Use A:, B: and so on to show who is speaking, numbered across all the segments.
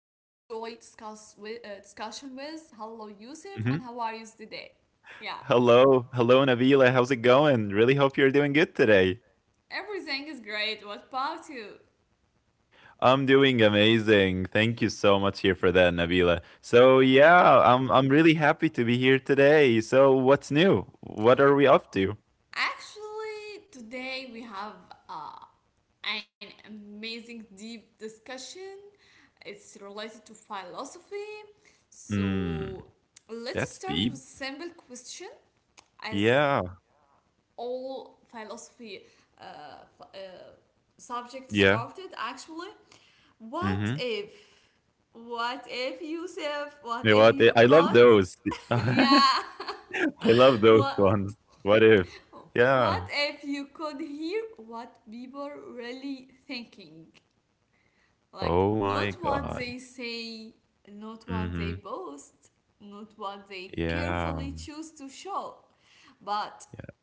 A: with, uh, discussion with. Hello, Yusuf, and
B: Mhm.
A: how are you today? Yeah,
B: Hello. Hello, Navila. How's it going? Really hope you're doing good today.
A: everything is great. What about you?
B: I'm doing amazing. Thank you so much here for that, Navila. So,
A: Right.
B: yeah, I'm really happy to be here today. So, what's new? What are we up to?
A: Actually, today we have uh, an amazing deep discussion. It's related to philosophy.
B: Hmm.
A: So let's
B: That's
A: start
B: deep.
A: with simple question as
B: Yeah.
A: all philosophy uh, f- uh, subject
B: Yeah.
A: started actually what
B: Mhm.
A: if what if yusuf
B: You know
A: what
B: what?
A: if
B: I
A: you
B: love
A: could
B: those. I
A: yeah
B: love those
A: what
B: ones. What if?
A: what
B: Yeah.
A: if you could hear what people really thinking, like
B: Oh my
A: not what
B: God.
A: they say, not what they
B: Mhm.
A: boast, not what they carefully
B: Yeah.
A: choose to show, but
B: Yeah.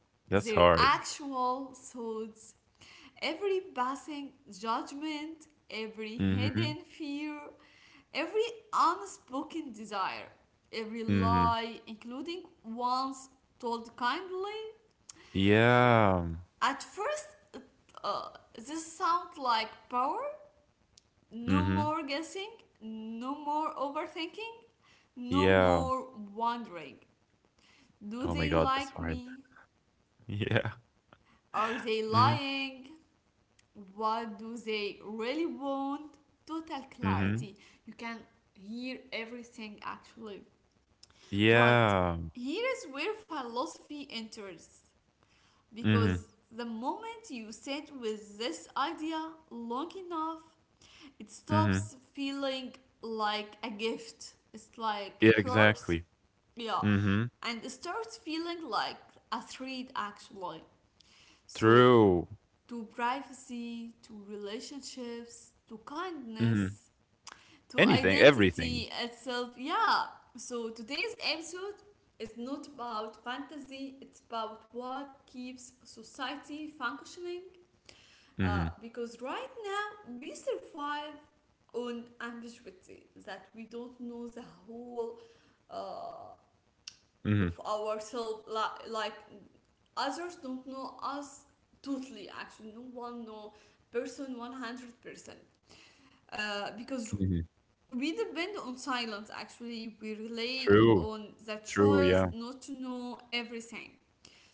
A: their
B: That's hard.
A: actual thoughts, every passing judgment, every hidden
B: Mhm.
A: fear, every unspoken desire, every
B: Mhm.
A: lie, including ones told kindly.
B: Yeah.
A: At first, it, uh, this sounds like power. No more
B: Mhm.
A: guessing, no more overthinking, no more
B: Yeah.
A: wondering. Do
B: Oh
A: they
B: my god,
A: like
B: that's hard.
A: me?
B: Yeah.
A: Are they
B: Mhm.
A: lying? What do they really want? Total
B: Mhm.
A: clarity. You can hear everything actually, but
B: Yeah.
A: here is where philosophy enters, because
B: Mhm.
A: the moment you sit with this idea long enough it stops
B: Mhm.
A: feeling like a gift, it's like
B: Yeah,
A: curse.
B: exactly.
A: Yeah,
B: Mhm.
A: and it starts feeling like a threat actually, so
B: True.
A: to privacy, to relationships, to
B: Mhm.
A: kindness, to
B: Anything, everything.
A: identity itself. Yeah. So today's episode is not about fantasy, it's about what keeps society functioning.
B: Mhm.
A: Because right now we survive on ambiguity, that we don't know the whole uh,
B: Mhm.
A: of ourselves, like others don't know us totally, actually. No one know person 100%. Because
B: Mhm.
A: we depend on silence, actually. We rely
B: True.
A: on the
B: True,
A: choice
B: yeah.
A: not to know everything.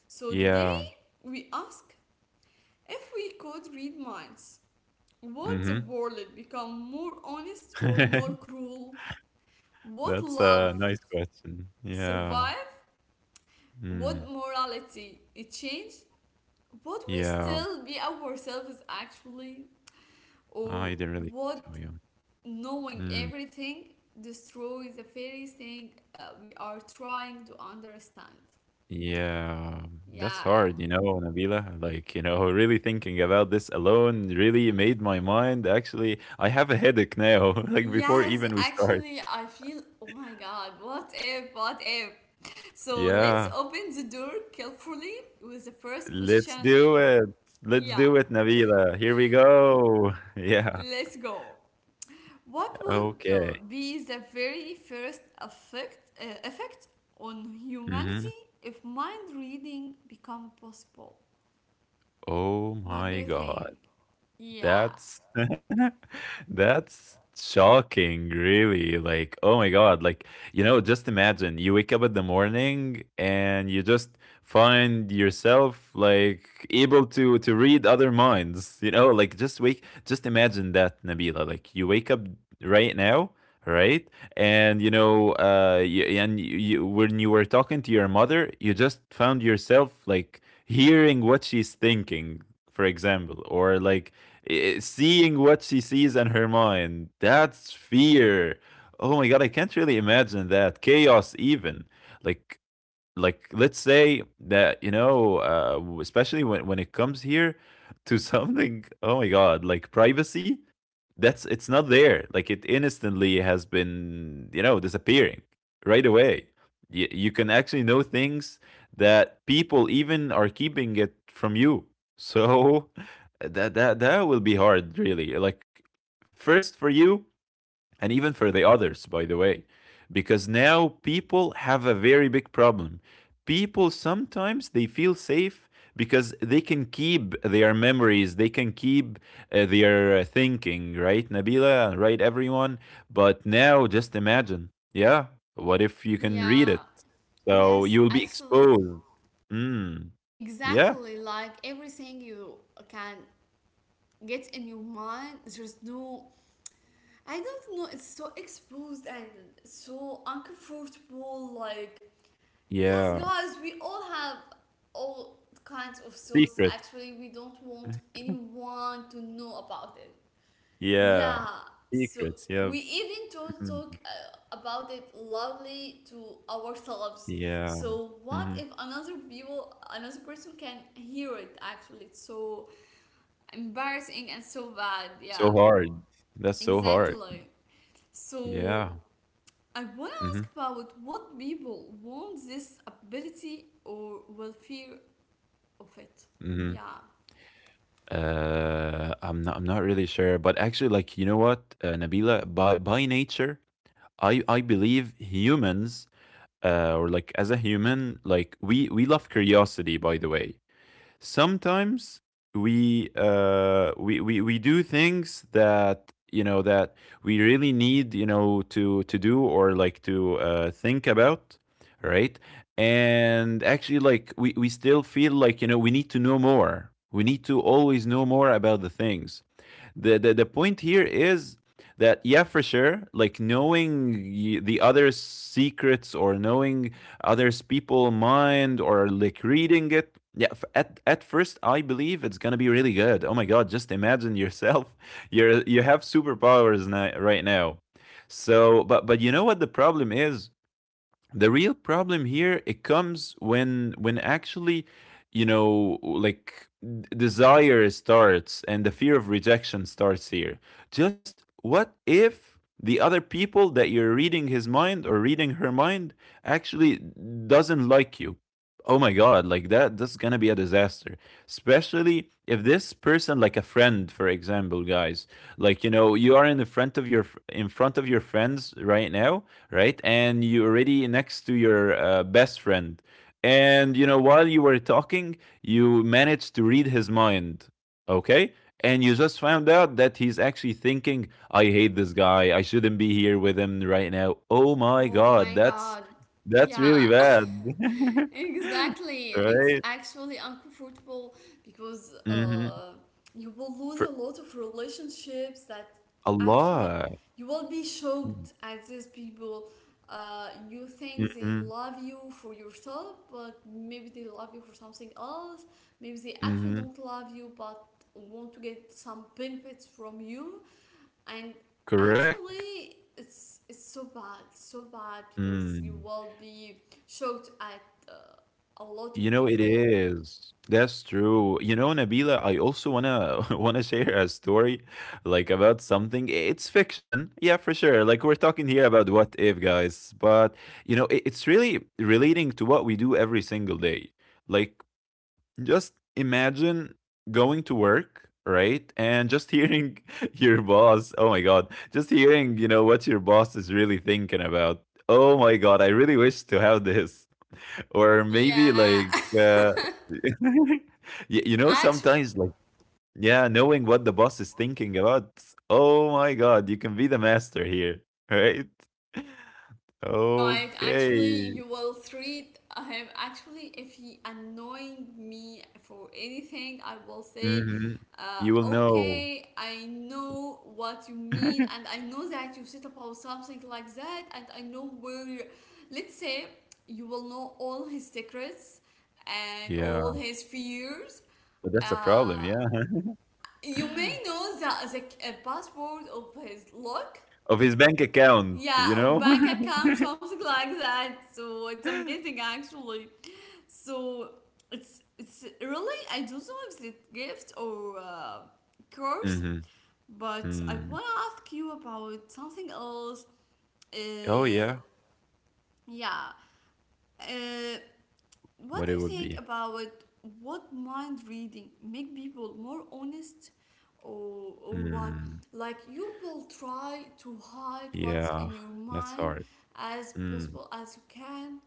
A: So today,
B: Yeah.
A: we ask, if we could read minds, would the
B: Mhm.
A: world become more honest or more cruel? Would
B: That's
A: love
B: a nice question. Yeah.
A: survive? Would
B: Mm.
A: morality it change? Would we
B: Yeah.
A: still be ourselves actually?
B: I
A: Or
B: didn't really think
A: would
B: so, yeah.
A: knowing
B: Mm.
A: everything destroy the very thing we are trying to understand?
B: Yeah, that's
A: Yeah.
B: hard, you know, Nabila. Really thinking about this alone really made my mind. Actually, I have a headache now, like before
A: Yes,
B: even we start.
A: actually, I feel, oh my god, what if, what if? So let's
B: Yeah,
A: open the door carefully with the first
B: let's
A: question.
B: do it. Let's
A: Yeah,
B: do it, Nabila. Here we go. Yeah,
A: let's go. What would
B: okay.
A: be the very first effect on
B: hmm
A: humanity if mind reading become possible?
B: Oh
A: What do
B: my
A: you think?
B: God.
A: Yeah.
B: That's that's shocking, really. Like, oh my god, like, you know, just imagine you wake up in the morning and you just find yourself like able to read other minds, you know, like just wake just imagine that, Nabila. Like you wake up right now, right? And you know, you, you when you were talking to your mother, you just found yourself like hearing what she's thinking, for example, or like I- seeing what she sees in her mind. That's fear. Oh my god, I can't really imagine that chaos even. like like let's say that, you know, especially when it comes here to something. Oh my god, like privacy, that's, it's not there. Like it instantly has been, you know, disappearing right away. You can actually know things that people even are keeping it from you. So that will be hard, really. Like first for you, and even for the others, by the way. Because now people have a very big problem. People sometimes they feel safe because they can keep their memories, they can keep their thinking, right, Nabila, right, everyone. But now, just imagine, yeah, what if you can
A: Yeah.
B: read it? So
A: Yes,
B: you will be
A: actually,
B: exposed. Mm, yeah,
A: exactly like everything you can get in your mind, there's no. I don't know, it's so exposed and so uncomfortable. Like, yes,
B: yeah,
A: guys, we all have all kinds of thoughts.
B: secret,
A: Actually, we don't want anyone to know about it.
B: yeah,
A: Yeah, so
B: secrets, yeah,
A: we even don't
B: mm,
A: talk about it loudly to ourselves.
B: yeah.
A: So what
B: Mhm.
A: if another people, another person can hear it? Actually, it's so embarrassing and so bad.
B: So
A: Yeah,
B: hard. That's so hard.
A: exactly.
B: Yeah.
A: So I wanna
B: Mhm.
A: ask about what people want this ability or will fear of it.
B: Mhm.
A: Yeah.
B: I'm not really sure, but actually, like, you know what, Nabila, by nature, I believe humans, or like as a human, like we love curiosity, by the way. Sometimes we, we do things that, you know, that we really need, you know, to do, or like to think about, right? And actually, like we still feel like, you know, we need to know more, we need to always know more about the things. The point here is that, yeah, for sure, like knowing the other secrets, or knowing others people mind, or like reading it, yeah, at first I believe it's gonna be really good. Oh my god, just imagine yourself, you're you have superpowers now, right now. So but you know what the problem is, the real problem here it comes when actually, you know, like d- desire starts and the fear of rejection starts here. Just what if the other people that you're reading his mind or reading her mind actually doesn't like you? Oh my god, like that, that's gonna be a disaster, especially if this person like a friend, for example, guys. Like, you know, you are in the front of your, in front of your friends right now, right? And you're already next to your best friend. And, you know, while you were talking, you managed to read his mind, okay? And you just found out that he's actually thinking, I hate this guy. I shouldn't be here with him right now. Oh my
A: Oh
B: God,
A: my god.
B: that's really
A: Yeah.
B: bad.
A: exactly, it's
B: Right?
A: actually uncomfortable because
B: hmm
A: you will lose a
B: For
A: lot of relationships that
B: a
A: actually
B: lot.
A: you will be shocked at these people. You think they
B: Mm-hmm.
A: love you for yourself, but maybe they love you for something else, maybe they actually
B: hmm
A: don't love you but want to get some benefits from you. And
B: Correct.
A: actually it's so bad, so bad, because you
B: Mm.
A: will be shocked at uh, a lot
B: You
A: of
B: know, it
A: people.
B: is. That's true. You know, Nabila, I also wanna wanna share a story like about something. It's fiction, yeah, for sure. Like we're talking here about what if, guys. But you know, it's really relating to what we do every single day. Like just imagine going to work, right? And just hearing your boss. Oh my god, just hearing, you know, what your boss is really thinking about. Oh my god, I really wish to have this, or maybe
A: Yeah.
B: like y- you know
A: Actually,
B: sometimes like yeah, knowing what the boss is thinking about. Oh my god, you can be the master here, right?
A: right, actually,
B: Okay.
A: you will treat him. Actually, if he annoying me for anything, I will say,
B: hmm you will know.
A: okay, I know what you mean, and I know that you said about something like that, and I know where you. Let's say you will know all his secrets and all
B: Yeah,
A: his fears.
B: but that's a problem,
A: Uh,
B: yeah.
A: you may know the password of his lock,
B: Of his bank account, you
A: yeah, or
B: know.
A: bank account, something like that. So it's amazing actually. So it's really I don't know if it's gift or curse,
B: hmm
A: but I wanna
B: Mm.
A: ask you about something else.
B: Oh
A: Uh,
B: yeah,
A: yeah, uh, what do
B: what it
A: you
B: would
A: think
B: be.
A: about what mind reading make people more honest, or what?
B: Mm.
A: Like you will try to hide what's
B: Yeah,
A: in your
B: that's
A: mind
B: hard.
A: as
B: Mm.
A: possible as you can.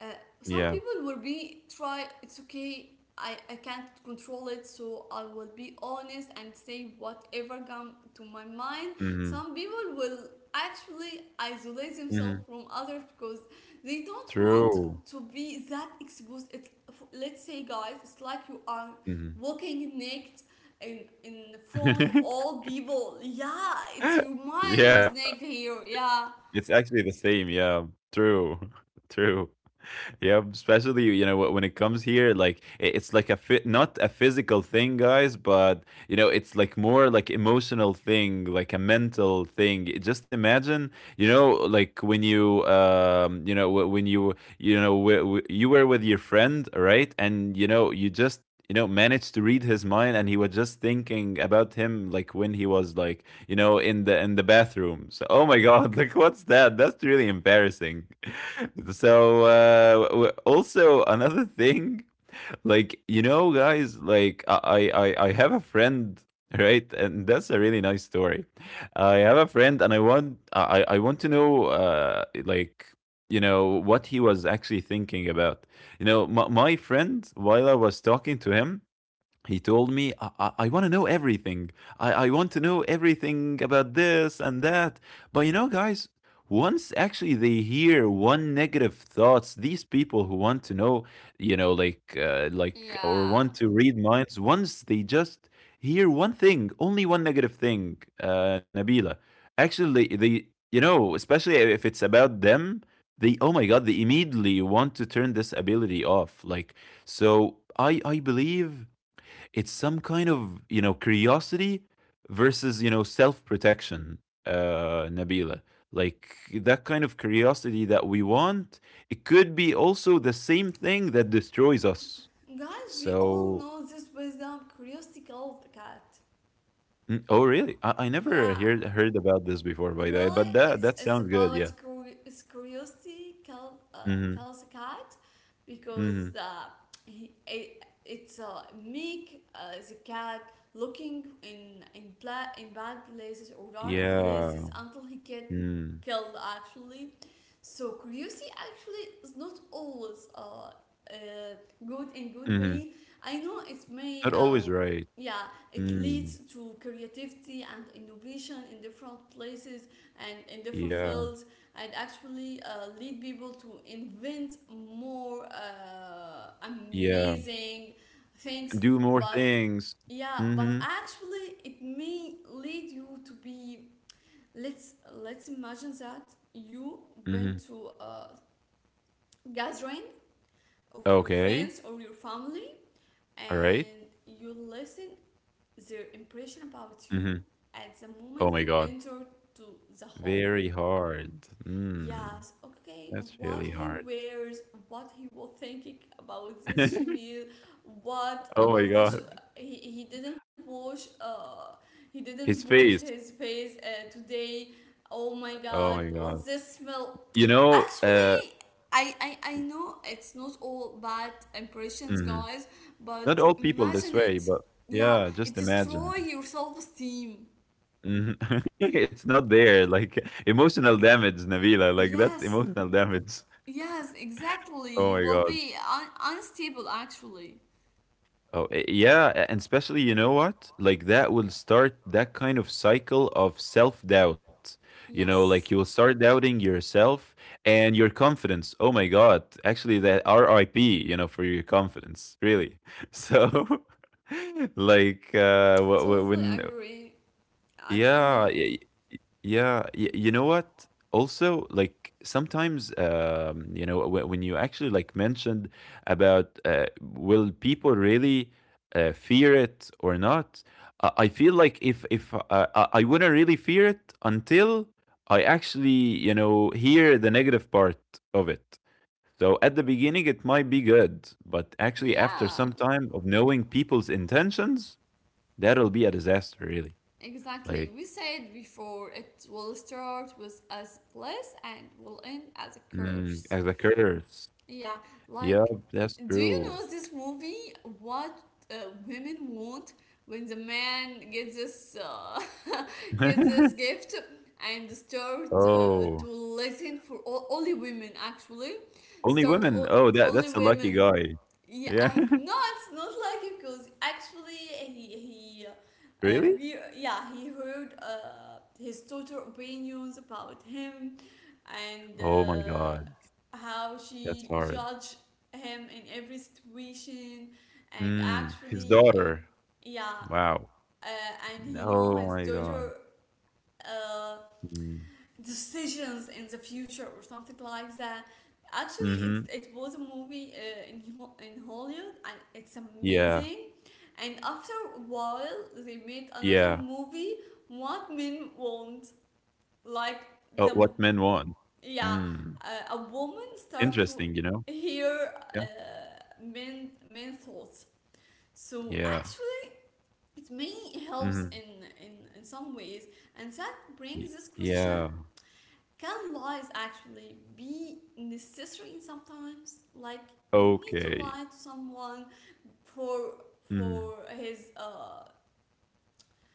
A: uh, some
B: Yeah.
A: people will be try it's okay, I can't control it, so I will be honest and say whatever come to my mind.
B: Mm-hmm.
A: Some people will actually isolate themselves
B: Mm-hmm.
A: from others because they don't want
B: True.
A: to be that exposed. It's, let's say guys, it's like you are
B: Mhm.
A: walking naked in front of all people. Yeah, it's your mind
B: Yeah,
A: who's naked here. Yeah,
B: it's actually the same, yeah. True, true. Yeah, especially, you know, when it comes here, like I- it's like a fit, not a physical thing, guys, but you know it's like more like emotional thing, like a mental thing. It- Just imagine, you know, like when you, you know, wh- when you know, w- w- you were with your friend, right, and you know, you just. You know, managed to read his mind, and he was just thinking about him, like when he was like, you know, in the bathroom. So, oh my God, like what's that? That's really embarrassing. So also another thing, like you know, guys, like I have a friend, right? And that's a really nice story. I have a friend, and I want I want to know, like, you know, what he was actually thinking about. You know, my friend, while I was talking to him, he told me, I want to know everything. I want to know everything about this and that. But you know, guys, once actually they hear one negative thoughts, these people who want to know, you know, like, or
A: yeah.
B: want to read minds, once they just hear one thing, only one negative thing, Nabila, actually, they, you know, especially if it's about them, they, oh my God, they immediately want to turn this ability off. Like, so I believe it's some kind of, you know, curiosity versus, you know, self protection, uh, Nabila, like that kind of curiosity that we want, it could be also the same thing that destroys us.
A: Guys, we all
B: So
A: know this wisdom, curiosity killed the cat.
B: mm, oh really, I never
A: Yeah,
B: heard about this before, by
A: it
B: the way,
A: really,
B: but that that
A: it's
B: sounds good.
A: about
B: Yeah,
A: it's curiosity
B: mm-hmm,
A: kills a cat, because
B: mm-hmm,
A: he, it, it's make the cat looking in in bad places or dark
B: yeah,
A: places until he get
B: mm,
A: killed actually. So curiosity actually is not always uh, good in good way.
B: mm-hmm,
A: I know it may
B: not always right,
A: yeah, it
B: mm,
A: leads to creativity and innovation in different places and in different
B: yeah,
A: fields, and actually lead people to invent more
B: yeah,
A: amazing things.
B: do more
A: But
B: things,
A: yeah, but
B: mm-hmm,
A: actually it may lead you to be, let's imagine that you went
B: mm-hmm,
A: to a gathering of your
B: okay.
A: friends or your family,
B: Alright?
A: and you listen their impression about you
B: Mhm.
A: at the
B: Oh
A: moment
B: my
A: you
B: god.
A: enter to the hall.
B: Very hard. Mm,
A: Yes, okay,
B: that's really
A: what he
B: hard.
A: wears, what he was thinking about this chemise, what
B: Oh my
A: about this
B: god.
A: he didn't
B: His
A: wash
B: face.
A: his face today. Oh my god,
B: Oh my
A: what's
B: god.
A: this smell?
B: You know,
A: Actually,
B: uh,
A: I know it's not all bad impressions, guys,
B: mhm.
A: but
B: Not all people
A: imagine
B: this
A: it.
B: way, but
A: Yeah,
B: yeah,
A: it
B: just
A: destroy your
B: imagine.
A: self-esteem.
B: Mhm. It's not there, like, emotional damage, Nabila, like, that's
A: Yes,
B: emotional damage.
A: yes, exactly. You
B: Oh
A: will
B: my god.
A: be unstable actually.
B: Oh, eh, yeah, a- and especially, you know what? Like that will start that kind of cycle of self-doubt. You know, like
A: Yes,
B: you will start doubting yourself and your confidence. Oh my God, actually that RIP, you know, for your confidence, really. So like wh- wh-
A: totally
B: when
A: agree.
B: yeah,
A: Actually,
B: y- yeah, y you know what? Also, like sometimes, you know, w when you actually like mentioned about will people really fear it or not? I feel like if I wouldn't really fear it until I actually, you know, hear the negative part of it. So at the beginning, it might be good, but actually, after
A: yeah,
B: some time of knowing people's intentions, that'll be a disaster, really.
A: exactly.
B: Like,
A: We said before it will start with as bliss and will end as a
B: mm,
A: curse.
B: as a curse.
A: Yeah, like,
B: Yep, that's
A: do you
B: true.
A: know this movie? What uh, women want, when the man gets this gets this gift and start
B: Oh,
A: to listen for all, only women actually.
B: only women? Oh, that
A: Only
B: that's a lucky
A: women.
B: guy.
A: Yeah, I,
B: Yeah.
A: no, it's not like it, because actually uh,
B: Really?
A: he yeah he heard his daughter opinions about him, and
B: Oh my god,
A: how she
B: that's hard.
A: judged him in every situation. And
B: Mm, his
A: actually
B: daughter.
A: yeah
B: Wow.
A: uh, and he know
B: Oh
A: his
B: my god.
A: daughter uh,
B: Mm.
A: decisions in the future or something like that. Actually, it's,
B: Mhm.
A: it was a movie in Hollywood and it's
B: Yeah.
A: amazing. And after a while, they made another
B: Yeah.
A: movie, What Men Want. Like,
B: Oh,
A: the
B: what men want.
A: yeah,
B: Mm.
A: a woman start to
B: Interesting, you know?
A: hear
B: Yeah.
A: men thoughts. So
B: Yeah.
A: actually, it may helps
B: Mhm.
A: in some ways. And that brings
B: Y
A: this question,
B: yeah.
A: can lies actually be necessary sometimes? Like you need to
B: Okay.
A: lie to someone for
B: Mhm.
A: for his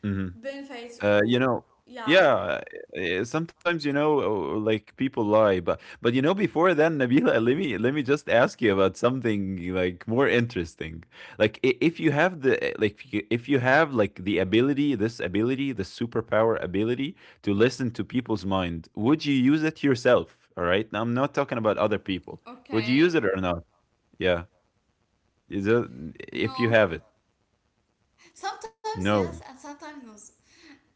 B: Mhm.
A: benefits
B: You
A: or
B: know
A: yeah.
B: yeah, eh, sometimes, you know, like, people lie, but you know, before then, Nabila, let me just ask you about something, like, more interesting. Like, I if you have the, eh, like, if you have, like, the ability, this ability, the superpower ability to listen to people's mind, would you use it yourself? All right? Now, I'm not talking about other people. Would you use it
A: Okay.
B: or not? Yeah. Is it if you
A: No.
B: have it?
A: Sometimes yes,
B: No.
A: and sometimes no.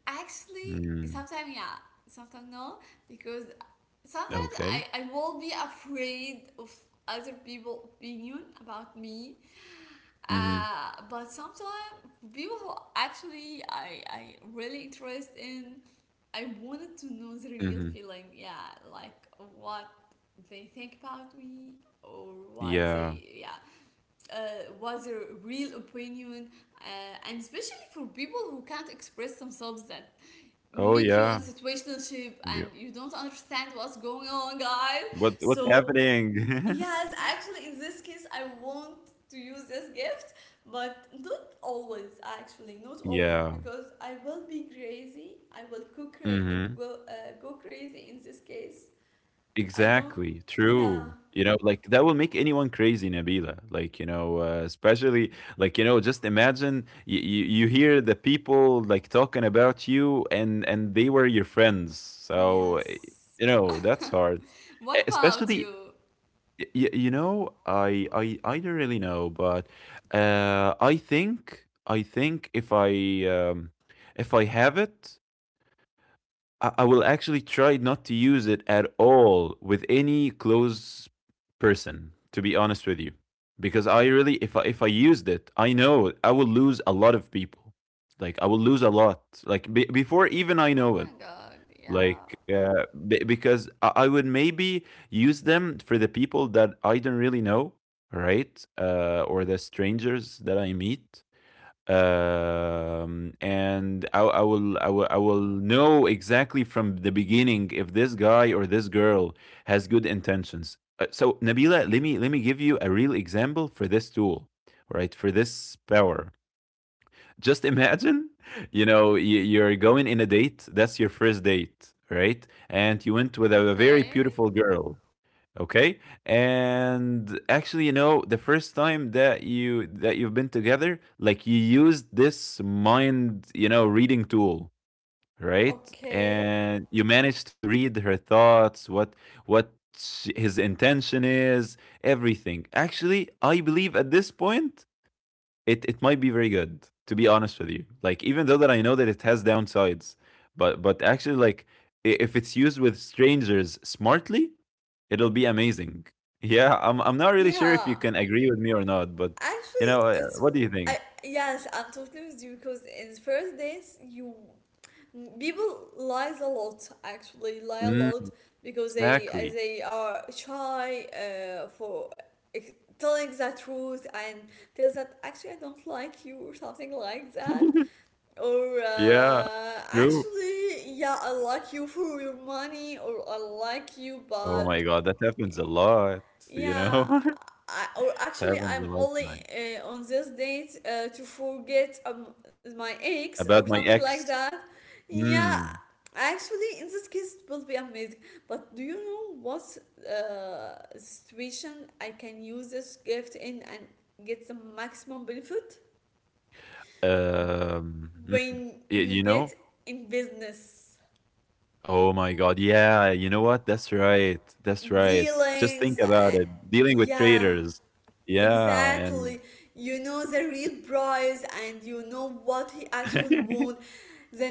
A: Actually,
B: Mm.
A: sometimes yeah, sometimes no, because sometimes
B: Okay.
A: I will be afraid of other people opinion about me.
B: Mhm.
A: But sometimes people who actually I really interest in, I wanted to know the real
B: Mhm.
A: feeling. Yeah, like what they think about me, or what
B: Yeah.
A: they yeah what's their real opinion. And especially for people who can't express themselves, that
B: Oh
A: make you
B: yeah.
A: in situationship
B: Yeah.
A: and you don't understand what's going on, guys.
B: What what's
A: So
B: happening?
A: yes, actually, in this case, I want to use this gift, but not always, actually, not always,
B: Yeah.
A: because I will be crazy. I will go,
B: hmm
A: go crazy in this case. I don't,
B: Exactly.
A: yeah.
B: True. You know, like that will make anyone crazy, Nabila. Like, you know, especially like, you know, just imagine you hear the people like talking about you and they were your friends. So,
A: Yes.
B: you know, that's hard. E-
A: What about
B: Especially
A: you?
B: you know, I don't really know, but I think um if I have it I will actually try not to use it at all with any close person, to be honest with you. Because I really if I used it, I know I will lose a lot of people. Like I will lose a lot. Like be- before even I
A: Oh
B: know it.
A: my god, yeah.
B: Like because I would maybe use them for the people that I don't really know, right? Or the strangers that I meet and I will know exactly from the beginning if this guy or this girl has good intentions. So Nabila, let me give you a real example for this tool, right? For this power. Just imagine, you know, you're going in a date. That's your first date, right? And you went with a very
A: Okay.
B: beautiful girl. Okay. And actually, you know, the first time that you've been together, like you used this mind, you know, reading tool, right?
A: Okay.
B: And you managed to read her thoughts, what his intention is, everything. Actually, I believe at this point it might be very good, to be honest with you. Like, even though that I know that it has downsides, but actually, like, if it's used with strangers smartly, it'll be amazing. Yeah, I'm not really sure if you
A: Yeah.
B: can agree with me or not, but you
A: Actually,
B: know,
A: it's
B: what do you think?
A: I yes, I'm totally with you, because in first days you people lies a lot, actually lie a
B: Mm,
A: lot, because
B: exactly.
A: they are shy for ex- telling the truth and tells that actually I don't like you or something like that, or
B: Yeah, true.
A: actually yeah I like you for your money, or I like you
B: Oh
A: but
B: my god, that happens a lot, you
A: yeah,
B: know.
A: I, or
B: That
A: actually,
B: happens
A: I'm
B: a lot,
A: only
B: man.
A: on this date to forget my ex or
B: About my
A: something like
B: ex.
A: that. Yeah,
B: Mm,
A: actually, in this case, it will be amazing. But do you know what situation I can use this gift in and get the maximum benefit?
B: um, mm,
A: When you
B: you
A: get
B: know.
A: in business
B: Oh my god, yeah, you know what? That's right. That's right. Just
A: dealings,
B: think about it. Dealing with
A: yeah,
B: traders. Yeah,
A: exactly.
B: and
A: You know the real price and you know what he actually wants. The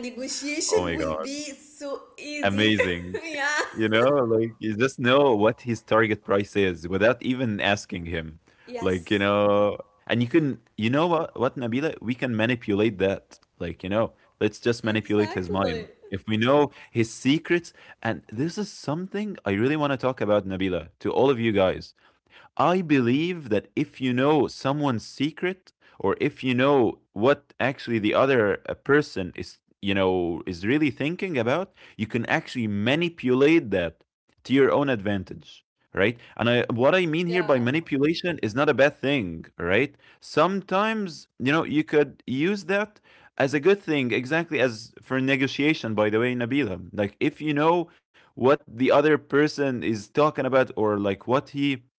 B: oh
A: negotiation
B: my
A: will
B: god,
A: be so easy.
B: amazing.
A: Yeah.
B: You know, like you just know what his target price is without even asking him. Like, you
A: Yes.
B: know, and you can you know what, Nabila, we can manipulate that. Like, you know, let's just manipulate his mind.
A: Exactly.
B: If we know his secrets, and this is something I really want to talk about, Nabila, to all of you guys. I believe that if you know someone's secret, or if you know what actually the other person is, you know, is really thinking about, you can actually manipulate that to your own advantage, right? And I, what I mean here by
A: Yeah.
B: manipulation is not a bad thing, right? Sometimes, you know, you could use that as a good thing, exactly as for negotiation, by the way, Nabila. Like, if you know what the other person is talking about, or like what he,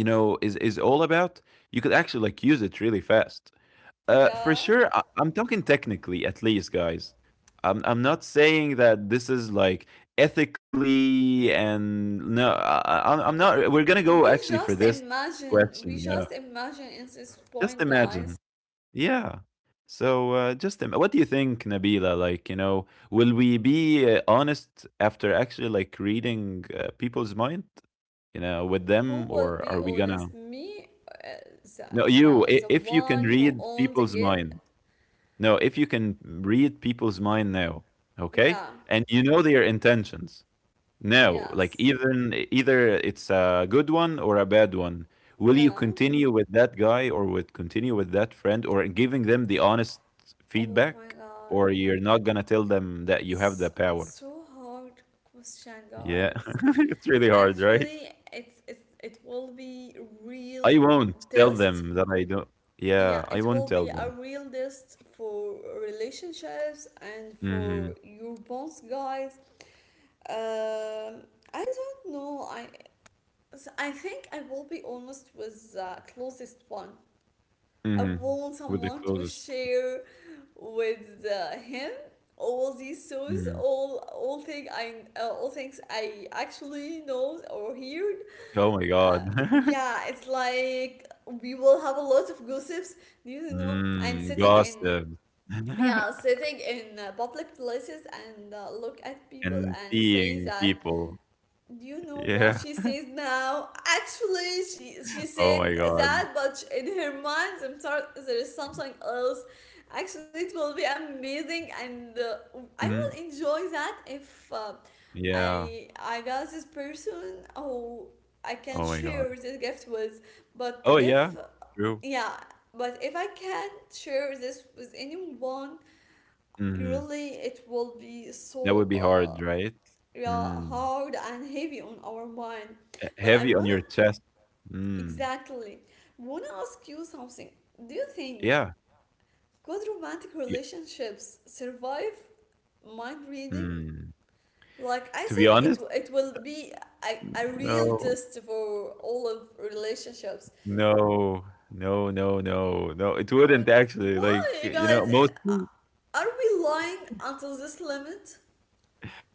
B: you know, is all about, you could actually, like, use it really fast, for
A: Yeah.
B: sure. I'm talking technically, at least, guys. I'm not saying that this is like ethically, and no, I'm not, we're going to go actually for this
A: We
B: question. Yeah,
A: just imagine in this
B: just
A: point, guys,
B: imagine, yeah. So what do you think, Nabila? Like, you know, will we be honest after actually, like, reading people's mind, you know, with
A: who
B: them,
A: will
B: or
A: be
B: are we gonna.
A: honest? Me, the,
B: No, you,
A: the
B: if you
A: one
B: can
A: who
B: read
A: owns the
B: people's
A: gift.
B: mind, no, if you can read people's mind now, okay,
A: Yeah.
B: and you know their intentions now, like,
A: Yes.
B: even either it's a good one or a bad one, will you
A: Yeah.
B: continue with that guy or would continue with that friend, or giving them the honest
A: Oh my
B: feedback,
A: god.
B: or you're not gonna tell them that you have the
A: It's
B: power?
A: so hard question,
B: Yeah,
A: guys.
B: it's really hard, right?
A: Actually, it's, it will be real
B: I won't tell
A: test.
B: them that I don't.
A: Yeah,
B: Yeah, I
A: it will
B: won't
A: be
B: tell
A: a
B: them.
A: real test for relationships and for
B: Hmm.
A: your bonds, guys. Um, I don't know. I so I think I will be honest with the closest one. I
B: Mhm.
A: want
B: With the
A: someone to
B: closest.
A: share with him all these shows,
B: Mhm.
A: all thing I all things I actually know or heard.
B: Oh my god.
A: Uh, yeah, it's like we will have a lot of gossips, and
B: Mm,
A: sitting in,
B: gossip.
A: yeah, sitting in public places and look at people
B: And
A: and say
B: seeing
A: that,
B: people.
A: do you know what
B: Yeah.
A: she says now? Actually, she
B: Oh
A: said
B: my god.
A: that, but in her mind, I'm sorry, there is something else. Actually, it will be amazing, and I will
B: Mhm.
A: enjoy that if
B: Yeah.
A: I got this person who I can
B: Oh my
A: share
B: god.
A: this gift with. But
B: Oh,
A: if
B: yeah. True.
A: yeah, but if I can't share this with anyone,
B: Mhm.
A: really, it will be
B: That
A: so.
B: would be hard,
A: Uh,
B: right?
A: real
B: Mm.
A: hard and heavy on our mind.
B: H
A: But I
B: heavy on
A: wanna
B: your chest. Mm.
A: exactly wanna ask you something. Do you think
B: Yeah.
A: could romantic
B: Ye,
A: relationships survive mind reading?
B: mm.
A: Like I
B: To be
A: said, it
B: honest,
A: it will be a real
B: no.
A: test for all of relationships.
B: No. No, no, no, no. It
A: On
B: wouldn't actually, like,
A: Why,
B: you know,
A: guys?
B: mostly.
A: Are we lying until this limit?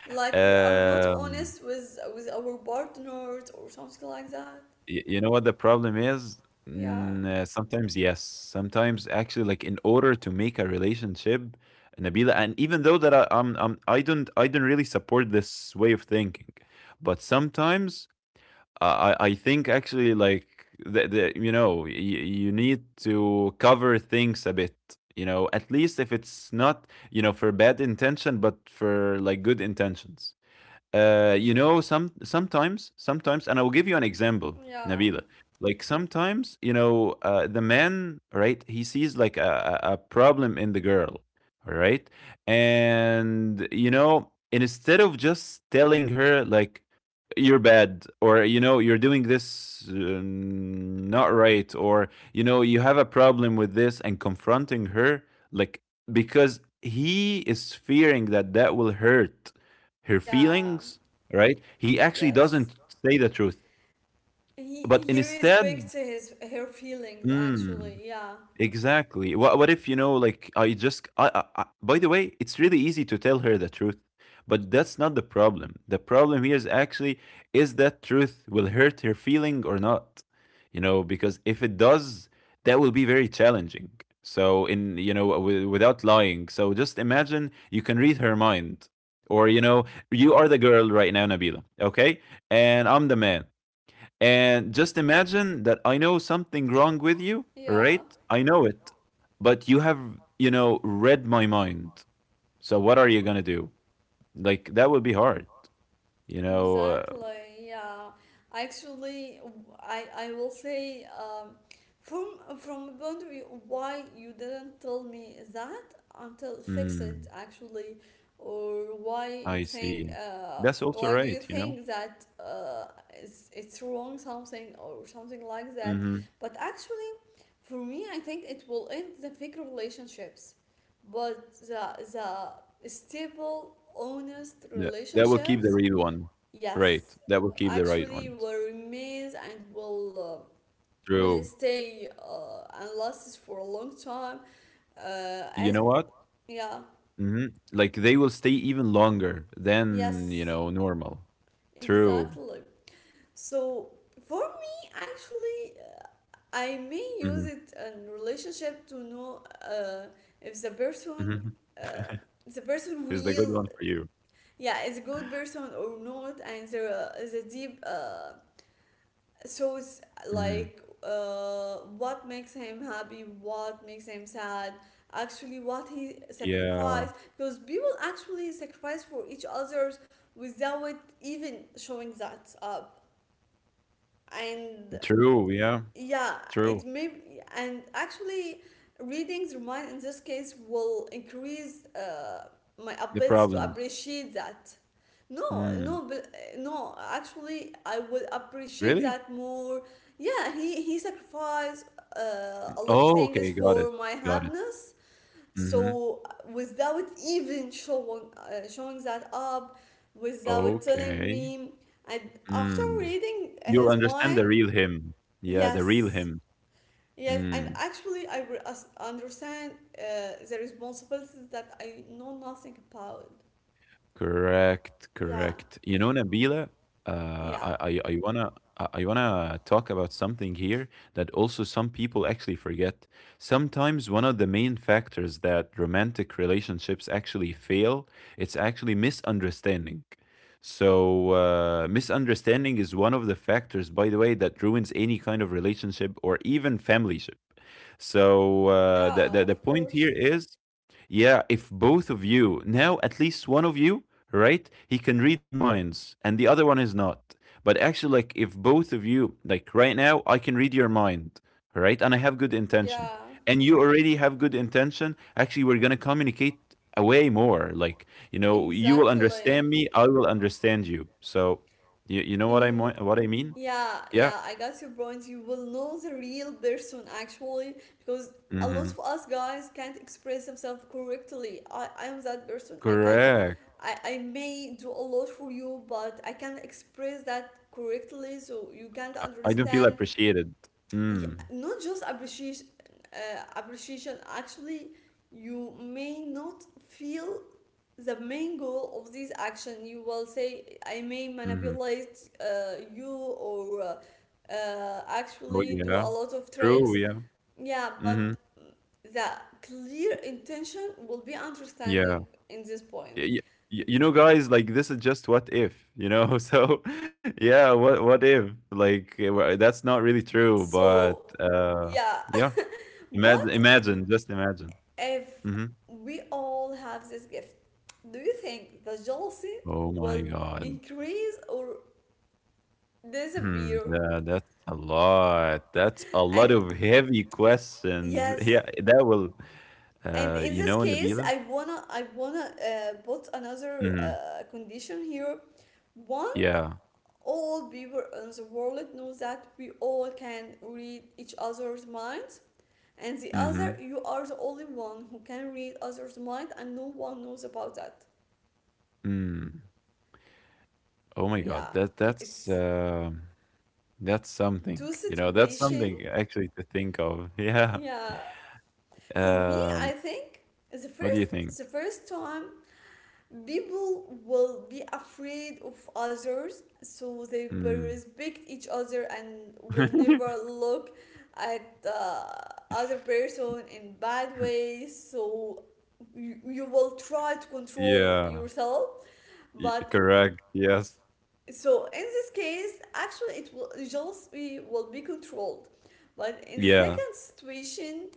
A: Like we are not
B: Um,
A: honest with our partners or something like that?
B: y you know what the problem is?
A: Yeah.
B: Mm, sometimes yes, sometimes actually, like in order to make a relationship, Nabila, and even though that I, I'm, I don't really support this way of thinking, but sometimes I, I think actually, like, the you know, y you need to cover things a bit. You know, at least if it's not, you know, for bad intention, but for like good intentions. You know, sometimes, and I will give you an example,
A: Yeah.
B: Nabila. Like sometimes, you know, the man, right? He sees like a a problem in the girl, all right? And you know, instead of just telling her like you're bad, or you know you're doing this not right, or you know you have a problem with this and confronting her, like, because he is fearing that that will hurt her
A: Yeah,
B: feelings, right? He actually
A: yes.
B: doesn't say the truth,
A: He
B: but
A: he really
B: instead,
A: speaks to his her feelings
B: mm.
A: actually. Yeah.
B: Exactly. What if you know, like I just I, by the way, it's really easy to tell her the truth, but that's not the problem. The problem here is actually is that truth will hurt her feeling or not. You know, because if it does, that will be very challenging. So in, you know, without lying. So just imagine you can read her mind. Or you know, you are the girl right now, Nabila, okay? And I'm the man. And just imagine that I know something wrong with you,
A: Yeah.
B: right? I know it. But you have, you know, read my mind. So what are you going to do? Like, that would be hard, you know?
A: Exactly, yeah. Actually, I will say from a point of view, why you didn't tell me that until fix
B: Mm,
A: it actually, or why
B: I
A: you
B: see.
A: think
B: That's also
A: why do
B: right,
A: you
B: you know?
A: think that it's wrong something or something like that?
B: Mm-hmm.
A: But actually, for me, I think it will end the fake relationships, but the stable, honest
B: That, that will keep the
A: relationships,
B: real one. Right.
A: yes,
B: That will keep the right
A: actually
B: one.
A: will remains and will
B: True.
A: stay and lasts for a long time. Uh,
B: You
A: as
B: know what?
A: yeah,
B: Hmm. Like, they will stay even longer than, you
A: yes,
B: know, normal. True.
A: exactly. So for me, actually, I may use
B: Mm-hmm.
A: it in relationship to know uh, if the person
B: Mm-hmm.
A: uh, the person
B: Is the good
A: real,
B: one for you.
A: yeah, is a good person or not, and there is a deep. So it's
B: Mhm.
A: like what makes him happy, what makes him sad, actually what he
B: Yeah,
A: sacrificed, because people actually sacrifice for each others without even showing that up and,
B: true, yeah,
A: yeah, it
B: true.
A: may, and actually, readings remind in this case will increase my
B: The
A: ability to
B: problems.
A: appreciate that. No,
B: Mm,
A: no, but, no. Actually, I will appreciate
B: really?
A: that more. Yeah, he sacrificed a lot of
B: Oh,
A: things
B: okay, got it,
A: for my
B: got it.
A: happiness.
B: Mm-hmm.
A: So without even showing that up, without telling
B: Okay.
A: me, and after
B: Mm.
A: reading
B: You'll
A: his
B: understand
A: mind,
B: the real him. Yeah, the
A: yes.
B: real him.
A: Yes, and
B: Mm.
A: actually, I re- us- understand the responsibilities that I know nothing about.
B: Correct,
A: Yeah,
B: correct. You know, Nabila,
A: yeah,
B: I wanna I wanna talk about something here that also some people actually forget. Sometimes one of the main factors that romantic relationships actually fail, it's actually misunderstanding. So misunderstanding is one of the factors, by the way, that ruins any kind of relationship or even familyship. So the
A: yeah,
B: the
A: of
B: point here
A: course.
B: is, yeah, if both of you, now at least one of you, right, he can read minds and the other one is not. But actually, like, if both of you, like right now, I can read your mind, right, and I have good intention,
A: Yeah,
B: and you already have good intention, actually, we're going to communicate way more. Like, you know, you will
A: exactly.
B: understand me, I will understand you. So, you know what I,
A: You,
B: what I mean?
A: yeah,
B: Yeah.
A: yeah, I got your point. You will know the real person actually, because a lot
B: Mm-hmm.
A: of us guys can't express themselves correctly. I am that person. I can,
B: Correct.
A: I may do a lot for you, but I can't express that correctly, so you can't
B: I don't feel
A: understand.
B: appreciated.
A: Yeah,
B: Mm.
A: not just appreciation, appreciation actually, you may not feel the main goal of this action. You will say I may
B: Mm-hmm.
A: manipulate you or
B: Oh,
A: actually do a
B: yeah.
A: lot of
B: True.
A: tricks.
B: Yeah.
A: Yeah, but
B: Mhm.
A: the clear intention will be
B: Yeah.
A: understanding in this
B: Y
A: point.
B: y y you know, guys, like, this is just what if, you know? So, yeah, what if? Like, eh, wha that's not really true, but,
A: so yeah
B: yeah,
A: what
B: just imagine.
A: if
B: Mhm.
A: we all have this gift, do you think the jealousy
B: Oh my
A: will
B: god.
A: increase or disappear?
B: That that's a lot. That's a lot
A: And
B: of heavy questions.
A: yes,
B: Yeah, that will,
A: and in
B: you
A: this
B: know,
A: case,
B: Nabila?
A: I wanna put another
B: Mhm.
A: condition here. One,
B: Yeah.
A: all people in the world know that we all can read each other's minds. And the other,
B: Mhm.
A: you are the only one who can read others' mind, and no one knows about that.
B: Mm. Oh my god.
A: Yeah,
B: That that's,
A: it's
B: um. That's something,
A: two
B: you know, that's something
A: situation,
B: actually to think of. Yeah.
A: yeah, for me I
B: Um,
A: think the
B: what do you think?
A: first time people will be afraid of others, so they will
B: Mm.
A: respect each other and will never look at the other person in bad ways. So you will try to control
B: Yeah.
A: yourself.
B: Y-
A: But
B: correct. Yes.
A: so in this case actually, it will jealousy will be controlled. But in the
B: Yeah.
A: second situation,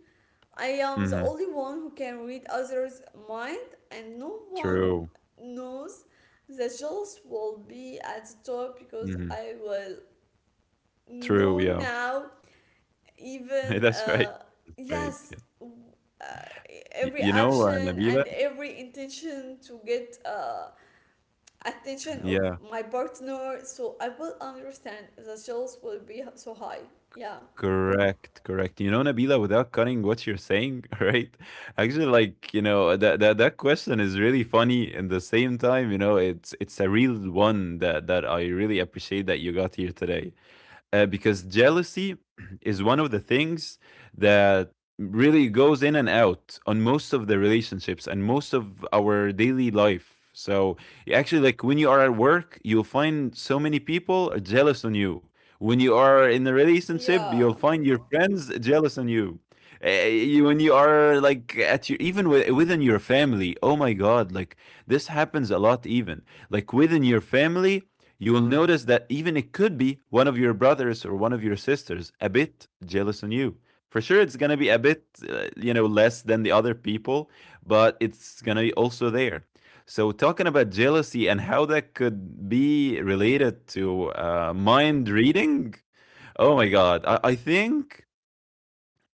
A: I am the
B: Hmm.
A: only one who can read others' mind, and no one
B: True.
A: knows that jealous will be at the top because
B: Hmm.
A: I will
B: True.
A: know
B: Yeah.
A: now. Even
B: That's right. That's right.
A: yes,
B: Yeah.
A: uh,
B: Y-
A: every
B: you know,
A: action and
B: Nabila?
A: every intention to get attention of
B: Yeah.
A: my partner, so I will understand that jealous will be so high. Yeah,
B: Correct, correct. You know, Nabila, without cutting what you're saying, right? Actually, like, you know, that that that question is really funny and the same time, you know, it's a real one that that I really appreciate that you got here today, because jealousy is one of the things that really goes in and out on most of the relationships and most of our daily life. So actually, like when you are at work, you'll find so many people are jealous on you. When you are in a relationship,
A: yeah,
B: you'll find your friends jealous on you. You when you are like at your even within your family, oh my god, like this happens a lot. Even like within your family, you will notice that even it could be one of your brothers or one of your sisters a bit jealous on you. For sure, it's gonna be a bit, less than the other people, but it's gonna be also there. So, talking about jealousy and how that could be related to mind reading, oh my God, I think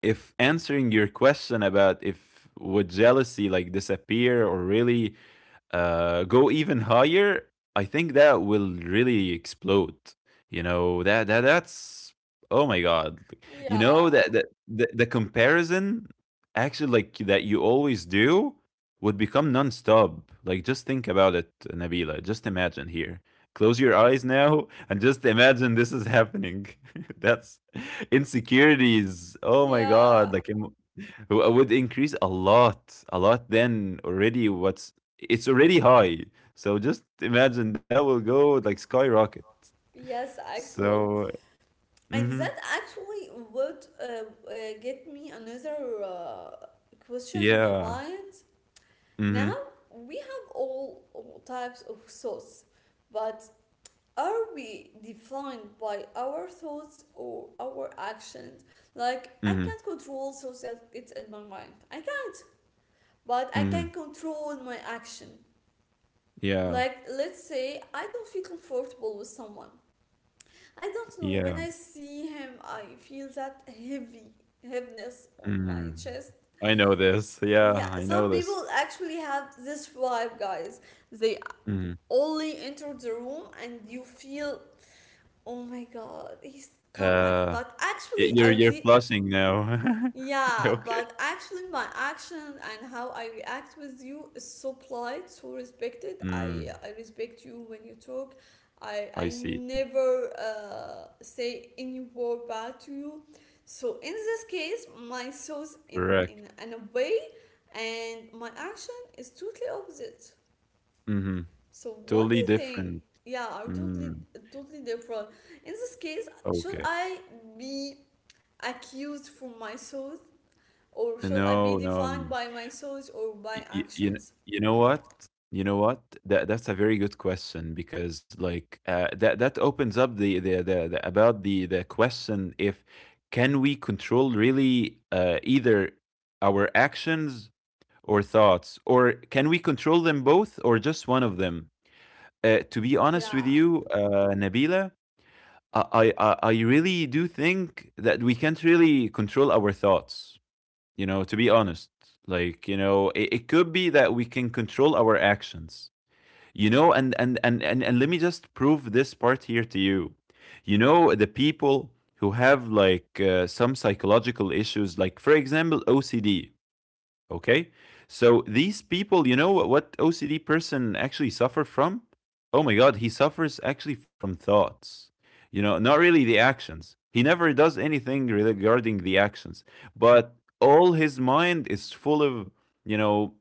B: if answering your question about if would jealousy like disappear or really go even higher, I think that will really explode. You know that that that's Oh my god. Like, You know
A: yeah,
B: that that the, the comparison actually, like, that you always do would become non-stop. Like, just think about it, Nabila. Just imagine here. Close your eyes now and just imagine this is happening. That's insecurities. Oh my god.
A: yeah.
B: Like, would increase a lot, a lot. Then already, what's it's already high. So just imagine that will go like skyrocket.
A: Yes, actually.
B: So,
A: And
B: mm-hmm,
A: that actually would get me another question in my
B: yeah,
A: mind.
B: mm-hmm,
A: Now we have all types of thoughts, but are we defined by our thoughts or our actions? Like I
B: mm-hmm,
A: can't control thoughts that it's in my mind. I can, but I
B: mm-hmm,
A: can control my action.
B: yeah,
A: Like let's say I don't feel comfortable with someone. I don't know. When
B: yeah.
A: I see him, I feel that heavy heaviness on my
B: Mm.
A: chest.
B: I know this. Yeah,
A: Yeah,
B: I know
A: some
B: this.
A: people actually have this vibe, guys. They
B: Mm.
A: only enter the room and you feel, oh my god, he's come back.
B: Uh,
A: But
B: y-
A: actually,
B: you're
A: I
B: you're
A: did.
B: flushing now. Yeah,
A: Yeah,
B: okay.
A: but actually, my action and how I react with you is so polite, so respected.
B: Mm,
A: I respect you when you talk. I
B: I see.
A: never say any word bad to you. So in this case, my thoughts
B: Correct.
A: in a way, and my action is totally opposite.
B: Mm-hmm.
A: So what do
B: Totally
A: you think?
B: different.
A: Yeah, I'm
B: Mm,
A: totally different. In this case, should
B: okay.
A: I be accused for my thoughts? Or should I be
B: No, no.
A: defined by my thoughts or by
B: Y y you kn
A: actions?
B: you know what? You know what? That's a very good question, because, like, that opens up the about the question, if can we control, really, either our actions or thoughts, or can we control them both or just one of them? To be honest with
A: Yeah.
B: you, Nabila, I really do think that we can't really control our thoughts, to be honest. Like, it could be that we can control our actions, and let me just prove this part here to you. You know the people who have, like, some psychological issues, like for example OCD. Okay. So these people, you know what OCD person actually suffer from? Oh my god, he suffers actually from thoughts. Not really the actions. He never does anything regarding the actions, but all his mind is full of, you know,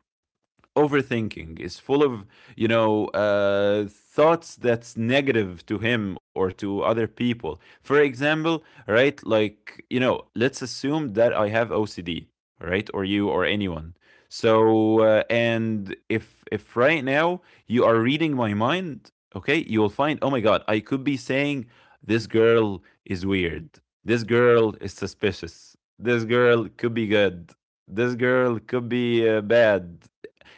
B: overthinking, is full of, thoughts that's negative to him or to other people, for example. Right, like, let's assume that I have OCD, right? Or you, or anyone. So, and if right now you are reading my mind, okay, you'll find, oh my god, I could be saying, this girl is weird, this girl is suspicious, this girl could be good, this girl could be bad,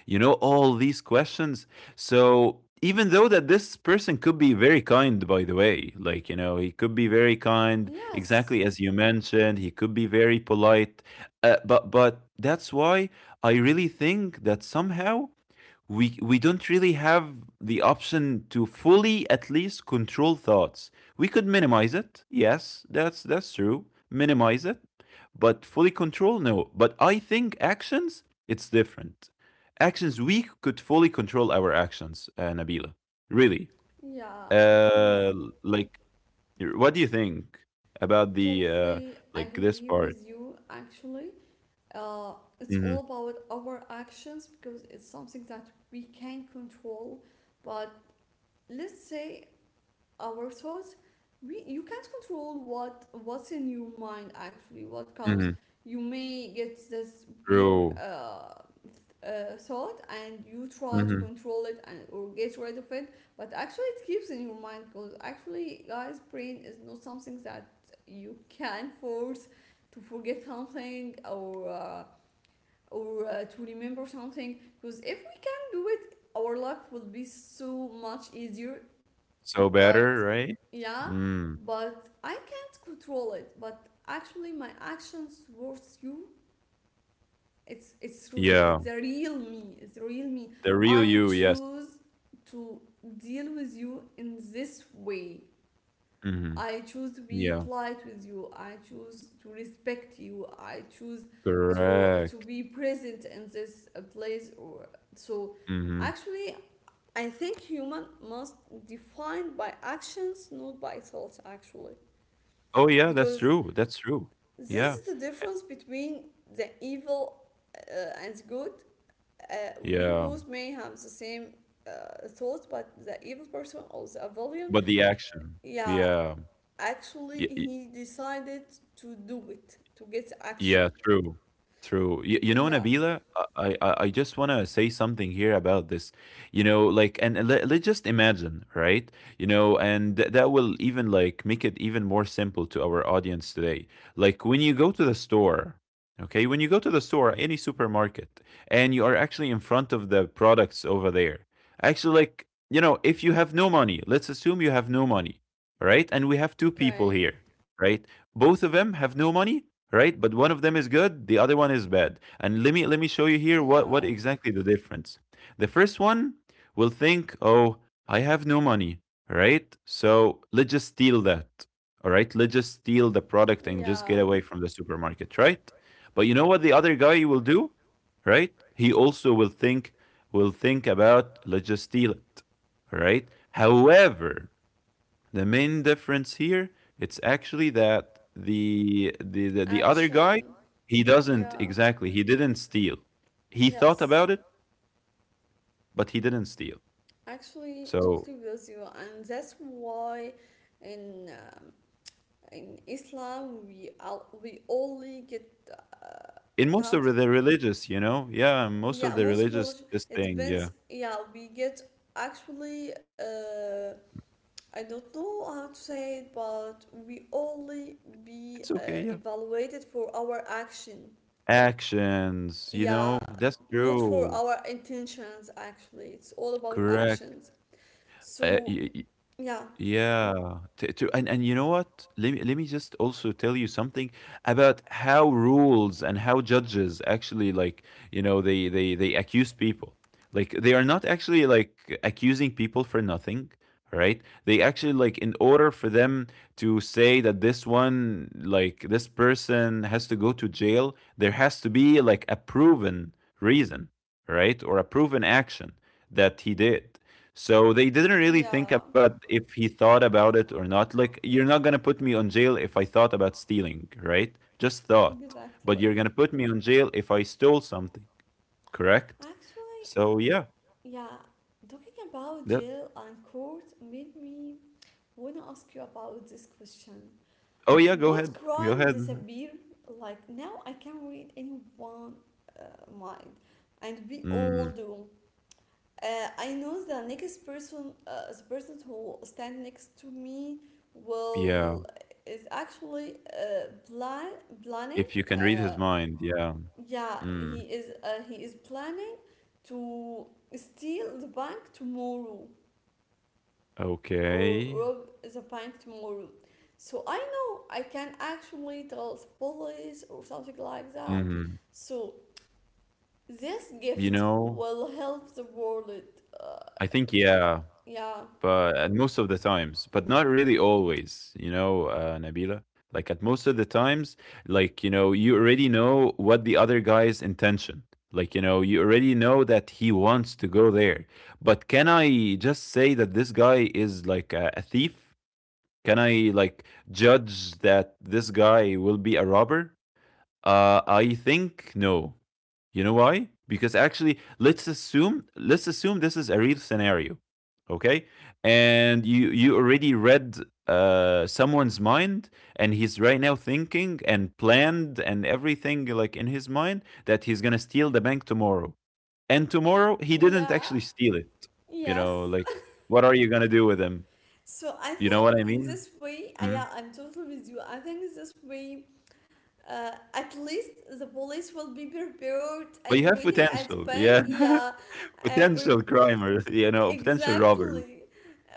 B: all these questions. So even though that this person could be very kind, by the way, like, he could be very kind,
A: Yes.
B: exactly as you mentioned, he could be very polite, but that's why I really think that somehow we don't really have the option to fully, at least, control thoughts. We could minimize it, yes, that's true, minimize it. But fully control, no. But I think actions, it's different. Actions, we could fully control our actions, Nabila, really.
A: Yeah, actually,
B: uh like, what do you think about the
A: totally
B: like, this
A: agree
B: part?
A: with you. Actually, it's
B: Mm-hmm.
A: all about our actions because it's something that we can control. But let's say our thoughts, we you can't control what's in your mind, actually what comes.
B: Mm-hmm.
A: You may get this weird
B: True.
A: thought and you try to
B: Mm-hmm.
A: control it and or get rid of it, but actually it keeps in your mind, because actually guys, brain is not something that you can force to forget something or to remember something, because if we can do it our life will be so much easier,
B: So better,
A: but
B: right?
A: yeah,
B: Mm.
A: but I can't control it. But actually my actions towards you,
B: Yeah.
A: it's the real me, it's the real me.
B: The real
A: I
B: you, yes.
A: choose to deal with you in this way.
B: Mhm.
A: I choose to be
B: Yeah,
A: polite with you, I choose to respect you, I choose to
B: correct.
A: be present in this place or, so
B: Mhm.
A: actually, I think human must defined by actions, not by thoughts, actually,
B: Oh, yeah, that's
A: because
B: true, that's true.
A: this is the
B: Yeah.
A: difference
B: Eh
A: between the evil and good. Uh, we
B: Yeah,
A: both may have the same thought, but the evil person or the villain,
B: but the action.
A: yeah,
B: Yeah.
A: actually
B: Y
A: he decided to do it to get action.
B: Yeah, true, true. You know,
A: Yeah.
B: Nabila, I just want to say something here about this. You know, like, and let's just imagine, right? You know, and that will even, like, make it even more simple to our audience today. Like, when you go to the store, okay, when you go to the store, any supermarket, and you are actually in front of the products over there. Actually, like, if you have no money, let's assume you have no money, all right? And we have two people
A: Okay.
B: here, right? Both of them have no money, right? But one of them is good, the other one is bad. And let me show you here
A: Yeah.
B: what exactly the difference. The first one will think, "Oh, I have no money, right? So let's just steal that. All right, let's just steal the product and just
A: Yeah.
B: get away from the supermarket, right?" But you know what the other guy will do, right? He also will think, about, let's just steal it, all right? However, the main difference here, it's actually that the other guy,
A: Action.
B: he doesn't
A: Yeah.
B: exactly, he didn't steal. He thought
A: Yes.
B: about it, but he didn't steal.
A: Actually,
B: So
A: totally with you, and that's why in um, in Islam we we only get uh,
B: in most of
A: count.
B: the religious, yeah, most
A: Yeah,
B: of the
A: most
B: religious,
A: religion
B: this
A: it
B: thing,
A: depends.
B: yeah.
A: Yeah, we get actually. I don't know how to say it, but we only be
B: It's okay, yeah.
A: evaluated for our action.
B: Actions,
A: Yeah,
B: that's
A: not for
B: true.
A: our intentions. Actually, it's all about
B: Correct.
A: actions.
B: Uh,
A: So
B: y- y-
A: yeah,
B: Yeah, to and you know what? Let me just also tell you something about how rules and how judges actually, like, they accuse people. Like, they are not actually, like, accusing people for nothing, right? They actually, like, in order for them to say that this one, like, this person has to go to jail, there has to be like a proven reason, right? Or a proven action that he did. So they didn't really think
A: yeah.
B: about if he thought about it or not. Like, you're not gonna put me on jail if I thought about stealing, right? Just thought. But
A: Exactly.
B: you're gonna put me on jail if I stole something, correct?
A: Actually,
B: So yeah,
A: yeah, talking about
B: that.
A: jail and court made me want to ask you about this question.
B: Oh yeah, go
A: What
B: ahead, go
A: crime
B: ahead.
A: disappear? Like now, I can read anyone mind, and we all
B: Mm,
A: do. I know the next person, the person who stand next to me,
B: yeah,
A: will is actually planning
B: if you can read
A: uh,
B: his mind, yeah.
A: yeah, he
B: Mm,
A: is. He is planning to steal the bank tomorrow or
B: okay.
A: rob the bank tomorrow. So I know I can actually tell the police or something like that.
B: Hmm.
A: So this
B: You
A: gift
B: know,
A: will help the world. Uh,
B: I think, yeah.
A: yeah,
B: But at most of the times, but not really always, Nabila. Like, at most of the times, like, you already know what the other guy's intention. Like, you already know that he wants to go there. But can I just say that this guy is like a thief? Can I, like, judge that this guy will be a robber? I think no. You know why? Because actually, let's assume this is a real scenario, okay? And you already read someone's mind, and he's right now thinking and planned and everything, like, in his mind that he's gonna steal the bank tomorrow, and tomorrow he didn't
A: yeah,
B: actually steal it. You
A: yes.
B: know, like, what are you gonna do with him?
A: So I
B: You know
A: think
B: what I
A: in
B: mean?
A: this way, I,
B: Mhm.
A: yeah, I'm totally with you. I think in this way, at least the police will be prepared and
B: But you have
A: waiting at the
B: potential,
A: bank.
B: yeah,
A: Yeah, uh, pre-
B: potential crimer, you know, potential robbers,
A: exactly.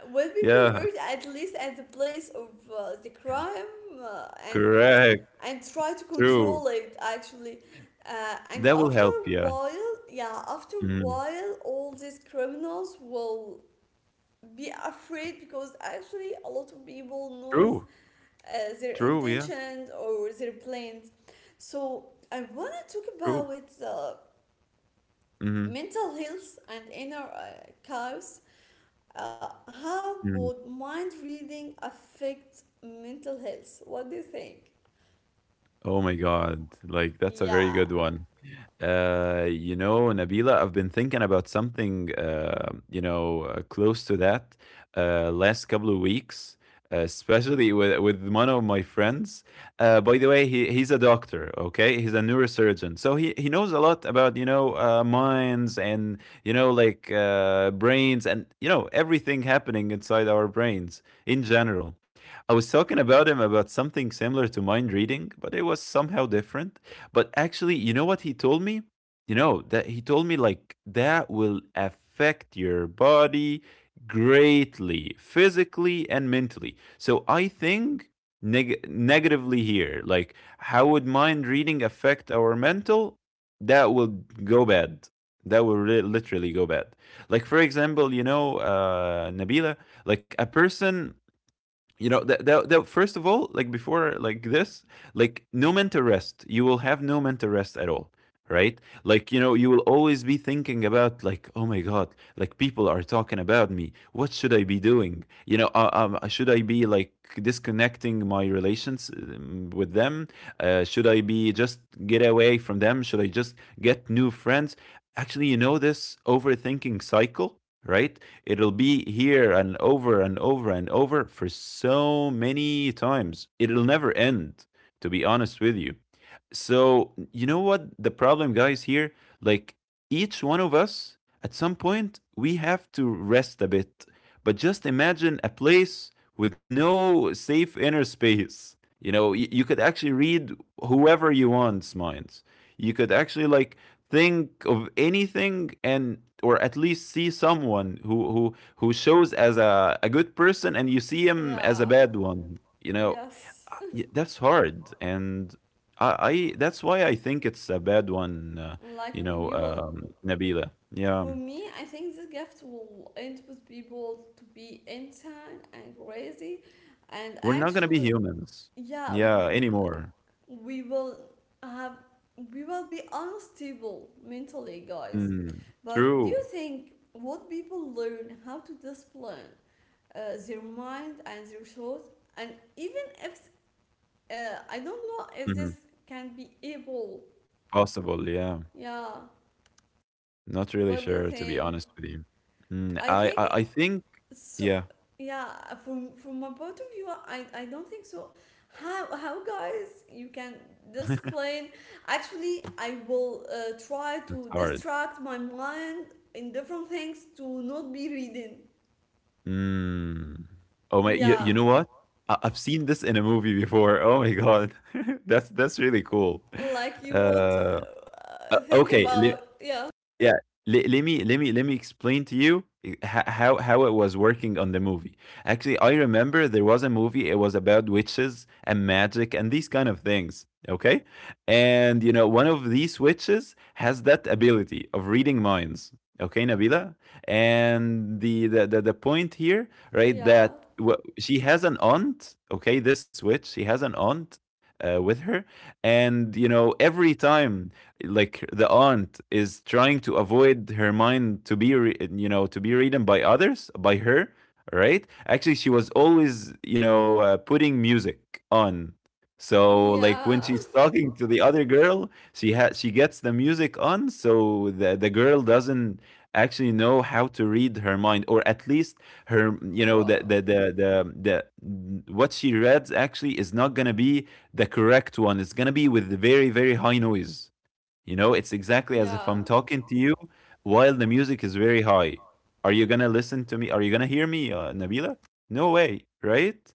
A: Will be
B: yeah.
A: prepared at least at the place of the crime and
B: Correct.
A: try to
B: True.
A: control it actually. And
B: That will
A: after
B: help,
A: a
B: yeah.
A: while, yeah, after a
B: Mhm.
A: while, all these criminals will be afraid because actually a lot of people knows
B: True.
A: their
B: True, yeah,
A: intentions or their plans. So I want to talk
B: true.
A: about
B: Mhm.
A: mental health and inner chaos. Uh, how
B: Mhm.
A: would mind reading affect mental health? What do you think?
B: Oh my god. Like, that's a
A: Yeah,
B: very good one. You know, Nabila, I've been thinking about something, close to that, last couple of weeks, especially with one of my friends. By the way, he's a doctor, okay? He's a neurosurgeon. So he knows a lot about, minds, and, like, brains, and, everything happening inside our brains in general. I was talking about him about something similar to mind reading, but it was somehow different. But actually, you know what he told me? That he told me, like, that will affect your body greatly, physically and mentally. So I think negatively here, like, how would mind reading affect our mental? That will go bad. That will literally go bad. Like for example, Nabila, like, a person, you know, that, first of all, like, before, like, this, like, no mental rest, you will have no mental rest at all, right? Like, you will always be thinking about, like, oh my god, like, people are talking about me, what should I be doing, should I be, like, disconnecting my relations, with them, should I be just get away from them, should I just get new friends, actually, this overthinking cycle, right? It'll be here and over and over and over for so many times. It'll never end, to be honest with you. So, you know what the problem, guys, here? Like, each one of us, at some point, we have to rest a bit. But just imagine a place with no safe inner space. You could actually read whoever you want's minds. You could actually, like, think of anything and or at least see someone who shows as a good person, and you see him as
A: yeah,
B: a bad one.
A: yes.
B: That's hard, and I that's why I think it's a bad one,
A: Like we will,
B: Nabila,
A: for
B: yeah,
A: me, I think this gift will end with people to be insane and crazy, and
B: we're not gonna be
A: actually,
B: humans,
A: yeah,
B: yeah, anymore.
A: we will have, we will be unstable mentally, guys.
B: Mm,
A: But do you
B: true.
A: think what people learn how to discipline their mind and their thoughts, and even if I don't know if
B: Hmm.
A: this can be able,
B: Possible, yeah,
A: yeah,
B: not really
A: what do you
B: sure to be
A: think,
B: honest with you. Mm,
A: I
B: I, I
A: think
B: i think,
A: so,
B: yeah.
A: yeah, from my point of view, I don't think so. How guys you can discipline? Actually, I will try to
B: That's hard.
A: distract my mind in different things to not be reading.
B: Mm. Oh my, you
A: Yeah,
B: know what? I've seen this in a movie before. Oh my God. That's really cool.
A: like you won't
B: Uh,
A: think
B: okay,
A: about yeah,
B: yeah. Le let me let me let me explain to you I how it was working on the movie. Actually, I remember there was a movie. It was about witches and magic and these kind of things, okay? And, you know, one of these witches has that ability of reading minds, okay, Nabila? And the point here, right,
A: yeah,
B: that wha she has an aunt. Okay, this witch, she has an aunt with her, and, you know, every time like the aunt is trying to avoid her mind to be to be reading by others, by her, right? Actually, she was always putting music on. So like when
A: yeah.
B: she's talking to the other girl, she has, she gets the music on, so the girl doesn't actually know how to read her mind, or at least her,
A: Wow.
B: the what she reads actually is not going to be the correct one. It's going to be with very very high noise. You know, it's exactly as if
A: Yeah,
B: I'm talking to you while the music is very high. Are you gonna listen to me? Are you gonna hear me, Nabila? No way, right?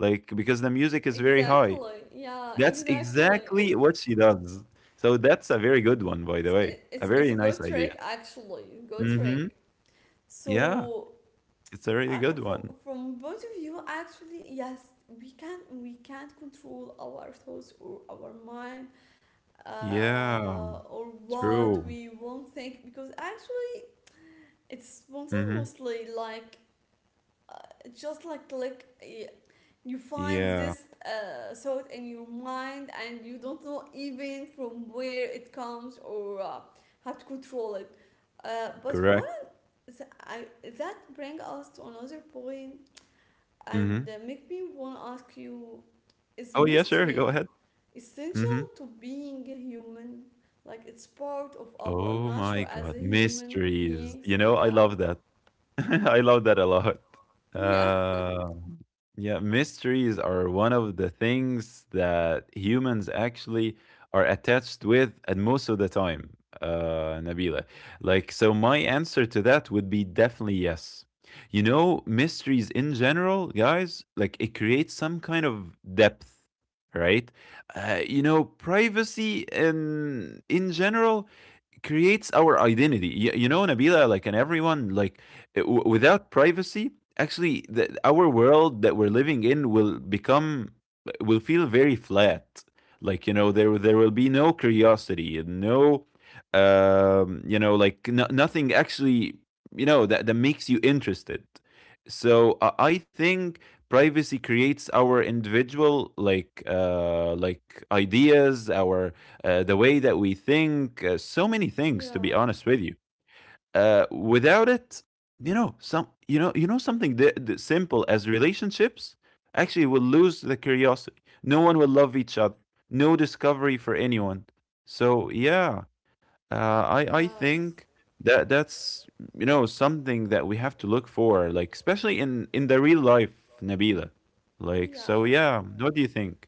B: Like, because the music is very high.
A: exactly, yeah,
B: That's
A: exactly.
B: exactly what she does. So that's a very good one, by
A: it's
B: the way.
A: it's
B: A
A: it's a
B: very
A: good
B: nice
A: trick,
B: idea.
A: actually, good trick.
B: Mm-hmm. Yeah,
A: So
B: it's a really good one.
A: from both of you, actually, yes, we can't control our thoughts or our mind
B: Yeah,
A: or what
B: true.
A: we won't think, because actually it's
B: Mm-hmm.
A: spontaneously like, uh, just like you find
B: Yeah,
A: this thought in your mind and you don't know even from where it comes, or how to control it. uh, but
B: correct.
A: what th- I, that brings us to another point and
B: Mm-hmm.
A: make me want to ask you, is
B: Oh, yeah, sure. Go
A: mystery
B: ahead.
A: essential
B: Mm-hmm.
A: to being a human? Like, it's part of our
B: Oh
A: nature
B: my
A: as
B: god,
A: a human
B: mysteries.
A: beings.
B: You know, I
A: Yeah,
B: love that. I love that a lot.
A: yeah.
B: Uh, yeah, mysteries are one of the things that humans actually are attached with, and most of the time, Nabila. Like, so my answer to that would be definitely yes. You know, mysteries in general, guys, like it creates some kind of depth, right? You know, privacy in general creates our identity. You know, Nabila, like, and everyone, like, without privacy, actually, our world that we're living in will become, will feel very flat. Like, you know, there will be no curiosity, and no, you know, like, no, nothing actually, you know, that makes you interested. So I think privacy creates our individual ideas, our the way that we think, so many things. To be
A: Yeah,
B: honest with you, without it, you know, something that simple as relationships actually will lose the curiosity. No one will love each other. No discovery for anyone. So yeah, uh, I
A: yes,
B: think that's you know something that we have to look for, like especially in the real life, Nabila. Like so,
A: yeah.
B: yeah. What do you think?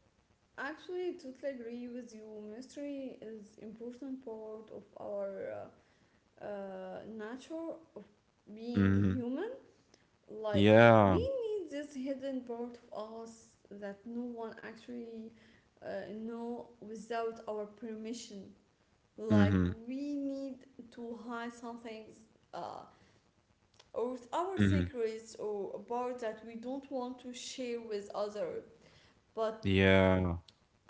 A: Actually, totally agree with you. Mystery is important part of our nature, being
B: Mm-hmm.
A: human. Like, we
B: Yeah.
A: need this hidden part of us that no one actually know without our permission. Like,
B: Mm-hmm.
A: we need to hide some things, uh, or our
B: Mm-hmm.
A: secrets, or about that we don't want to share with other. But
B: Yeah,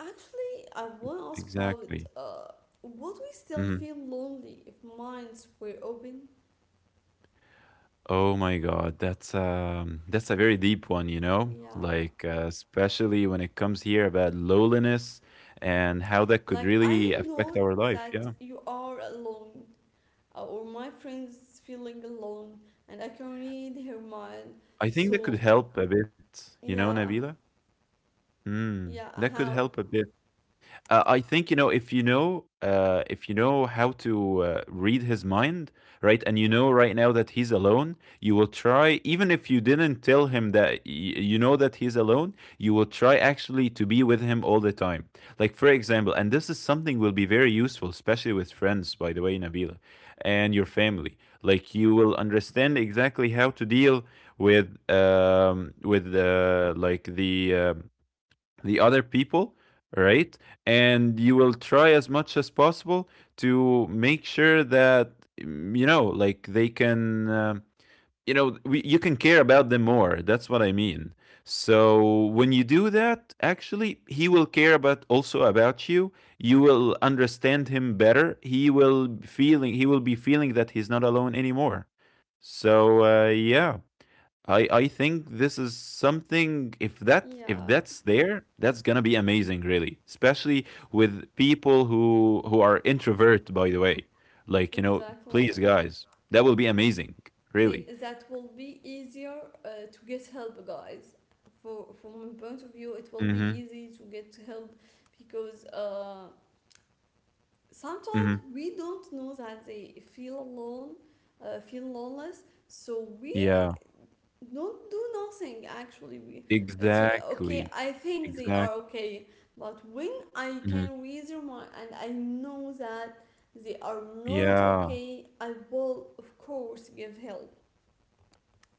A: Actually, I want to ask about,
B: exactly.
A: would we still
B: Mhm.
A: feel lonely if minds were open?
B: Oh my God, that's a very deep one, you know?
A: Yeah.
B: Like especially when it comes here about loneliness and how that could
A: Like, I
B: really
A: know
B: affect our life,
A: that
B: yeah.
A: you are alone, or my friend's feeling alone, and I can read her mind.
B: I think that could
A: So,
B: help a bit, you know,
A: yeah,
B: Nabila? Mm,
A: yeah,
B: that could help
A: how?
B: a bit. I think if you know how to read his mind, right? And you know right now that he's alone, you will try, even if you didn't tell him that you know that he's alone, you will try actually to be with him all the time. Like for example, and this is something will be very useful, especially with friends, by the way, Nabila, and your family. Like you will understand exactly how to deal with like the other people, right? And you will try as much as possible to make sure that mm, you know like they can you can care about them more. That's what I mean. So when you do that, actually he will care about also about you. You will understand him better. He will be feeling that he's not alone anymore. So yeah, I think this is something, if
A: Yeah,
B: that's there, that's going to be amazing, really, especially with people who are introvert, by the way. Like, you know,
A: exactly.
B: please guys, that will be amazing really.
A: They, that will be easier to get help, guys. For, from my point of view, it will be
B: Mhm.
A: easy to get help, because sometimes
B: Mhm.
A: we don't know that they feel alone, feel loneless. So we
B: Yeah,
A: don't do nothing actually. We, it's
B: exactly.
A: okay, I think they are
B: Exactly.
A: okay, but when I
B: Hmm.
A: can read their mind and I know that they are not
B: Yeah.
A: okay, I will of course give help.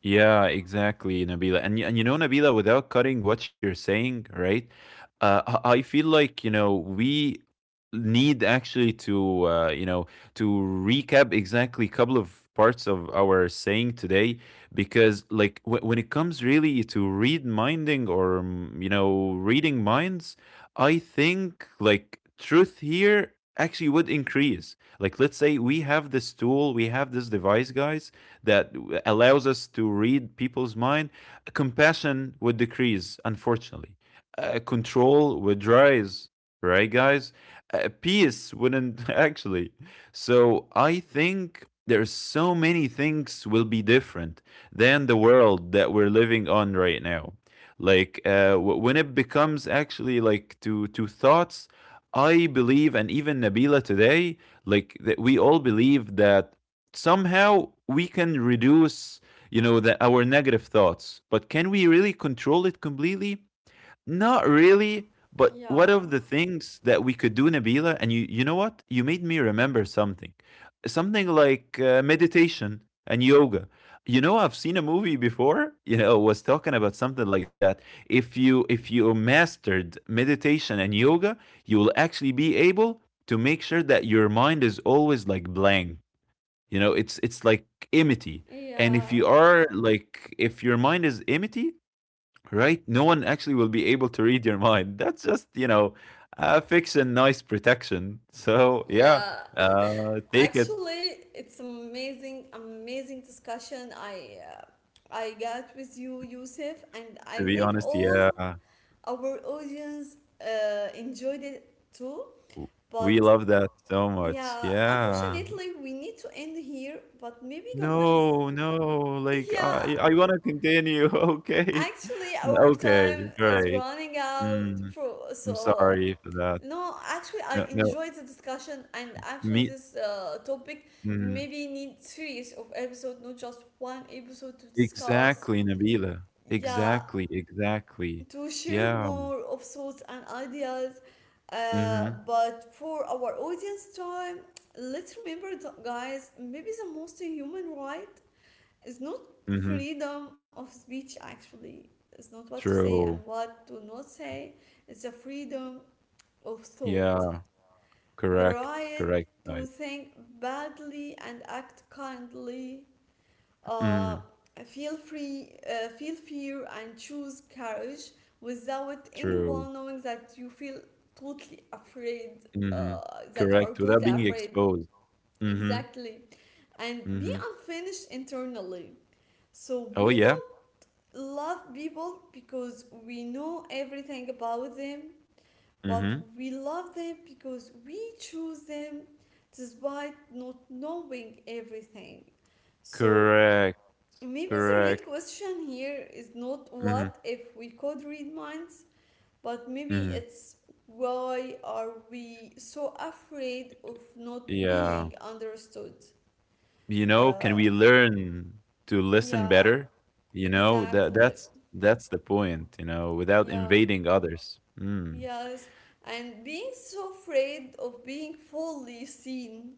B: Yeah, exactly, Nabila. And and you know, Nabila, without cutting what you're saying, right? I feel like you know we need actually to you know to recap exactly a couple of parts of our saying today, because like when it comes really to read minding or mm, you know, reading minds, I think like truth here actually would increase. Like let's say we have this tool, we have this device, guys, that allows us to read people's mind. Compassion would decrease, unfortunately. Control would rise, right, guys? Peace wouldn't, actually. So I think there's so many things will be different than the world that we're living on right now, like when it becomes actually like to thoughts. I believe, and even Nabila today, like that we all believe that somehow we can reduce you know our negative thoughts. But can we really control it completely? Not really. But what of
A: Yeah,
B: the things that we could do, Nabila, and you know what, you made me remember something, something like meditation and yoga. You know, I've seen a movie before, you know, was talking about something like that. If you mastered meditation and yoga, you will actually be able to make sure that your mind is always like blank. You know, it's like enmity. And if you
A: yeah,
B: are like if your mind is enmity, right? No one actually will be able to read your mind. That's just, you know, fiction, nice protection. So, yeah.
A: yeah.
B: Uh, take it
A: Actually, it's amazing, amazing discussion I, I got with you, Yusuf, and
B: to
A: I
B: be
A: think
B: honest,
A: all
B: yeah.
A: our audience enjoyed it too.
B: W-
A: But
B: We love that so much.
A: yeah,
B: Yeah.
A: unfortunately, we need to end here. But maybe, guys,
B: No, no. Like
A: yeah,
B: I want to continue. Okay.
A: actually, our
B: Okay,
A: time is
B: right.
A: running out.
B: Mm,
A: For
B: I'm
A: so,
B: sorry for that.
A: no, actually, I
B: No, no.
A: enjoyed the discussion, and actually,
B: Me.
A: this topic
B: Mm.
A: maybe need series of episode, not just one episode to discuss.
B: Exactly, Nabila.
A: Yeah,
B: Exactly, exactly.
A: to share
B: Yeah.
A: more of thoughts and ideas.
B: Mhm.
A: But for our audience time, let's remember that, guys. Maybe the most human right is not
B: Mhm.
A: freedom of speech. Actually, it's not what to say and
B: True.
A: what to not say. It's the freedom of thought.
B: Yeah.
A: The
B: Correct.
A: right
B: Correct.
A: to think badly and act kindly. Uh,
B: Mm,
A: feel free, feel fear and choose courage without
B: true.
A: anyone knowing that you feel totally afraid,
B: Mhm.
A: that you are
B: Correct.
A: totally
B: Without being
A: afraid.
B: exposed. Mhm.
A: Exactly. And be
B: Mhm.
A: unfinished internally. So
B: Oh
A: we
B: yeah.
A: don't love people because we know everything about them, but
B: Mhm.
A: we love them because we choose them despite not knowing everything. So
B: Correct.
A: maybe the real
B: Correct.
A: question here is not
B: Mhm.
A: what if we could read minds, but maybe
B: Mhm.
A: it's, why are we so afraid of not
B: Yeah.
A: being understood?
B: You know, can
A: Uh,
B: we learn to listen
A: yeah,
B: better? You know, that
A: exactly.
B: that's that's the point, you know, without
A: Yeah,
B: invading others. Mm.
A: yes. And being so afraid of being fully seen,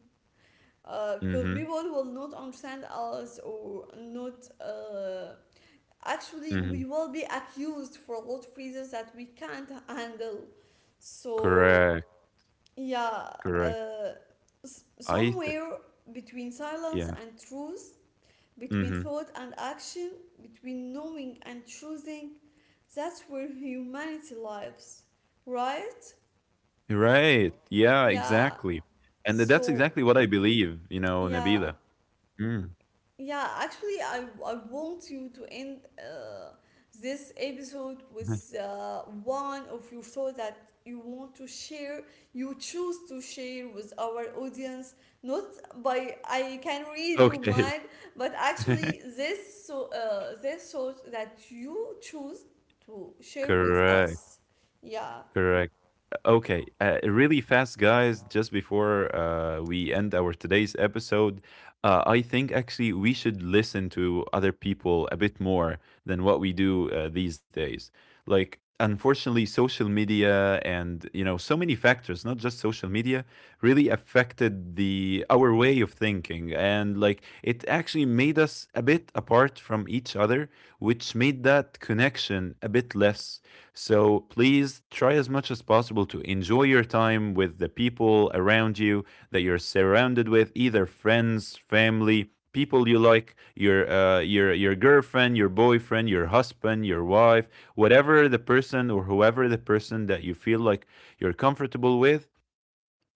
A: because
B: Mhm.
A: people will not understand us or not. Actually,
B: Mhm.
A: we will be accused for a lot of reasons that we can't handle. So
B: Correct,
A: yeah,
B: correct.
A: uh,
B: I th
A: somewhere between silence
B: Yeah,
A: and truth, between
B: mhm.
A: thought and action, between knowing and choosing, that's where humanity lives, right?
B: Right, yeah,
A: Yeah.
B: exactly, and that's
A: So
B: exactly what I believe, you know,
A: yeah.
B: Nabila. Mm.
A: Yeah, actually, I want you to end this episode with one of your thoughts that you want to share, you choose to share with our audience, not by I can read your
B: Okay.
A: mind, but actually this so, this thought that you choose to share with
B: Correct,
A: us. Yeah,
B: correct. Okay, really fast, guys, just before we end our today's episode, I think actually we should listen to other people a bit more than what we do these days. Like, unfortunately, social media and you know so many factors, not just social media, really affected the our way of thinking, and like it actually made us a bit apart from each other, which made that connection a bit less. So please try as much as possible to enjoy your time with the people around you, that you're surrounded with, either friends, family, people you like, your your girlfriend, your boyfriend, your husband, your wife, whatever the person or whoever the person that you feel like you're comfortable with.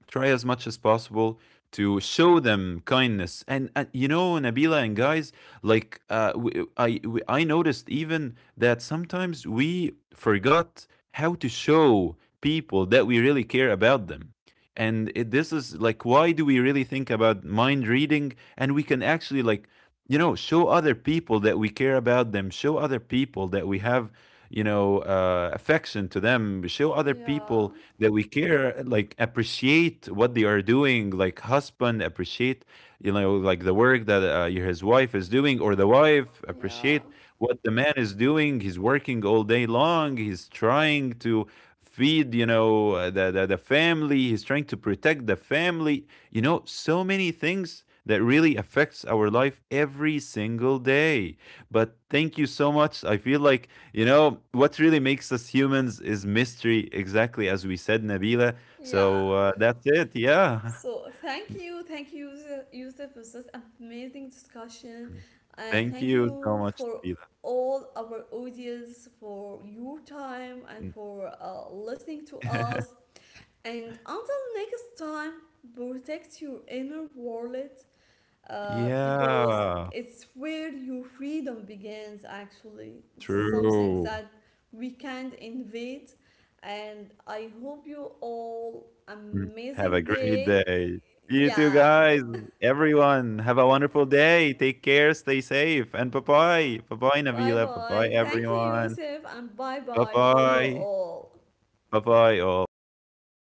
B: Try as much as possible to show them kindness. And you know, Nabila, and guys, like we, I noticed even that sometimes we forgot how to show people that we really care about them. This is like why do we really think about mind reading, and we can actually like you know show other people that we care about them, show other people that we have you know affection to them, show other
A: yeah,
B: people that we care, like appreciate what they are doing. Like husband appreciate, you know, like the work that his wife is doing, or the wife
A: yeah,
B: appreciate what the man is doing. He's working all day long. He's trying to feed, you know, the family. He's trying to protect the family. You know, so many things that really affects our life every single day. But thank you so much. I feel like you know, what really makes us humans is mystery, exactly as we said, Nabila.
A: yeah.
B: So that's it. Yeah.
A: So thank you, Yusuf, for this amazing discussion, and
B: Thank
A: thank
B: you so
A: you
B: much,
A: for
B: Nabila.
A: all our audience for your time and
B: Mm.
A: for listening to us. And until next time, protect your inner wallet, because
B: Yeah,
A: it's where your freedom begins. Actually, it's something
B: true.
A: that we can't invade, and I hope you all
B: Mm. Have a
A: amazing
B: great
A: day.
B: day. You too,
A: Yeah,
B: guys. Everyone, have a wonderful day. Take care, stay safe, and bye bye. Bye bye,
A: bye
B: Nabila. Bye bye,
A: bye, thank you,
B: everyone.
A: Yusuf, and bye
B: Bye
A: bye for you
B: bye.
A: all.
B: Bye bye, all. Bye bye.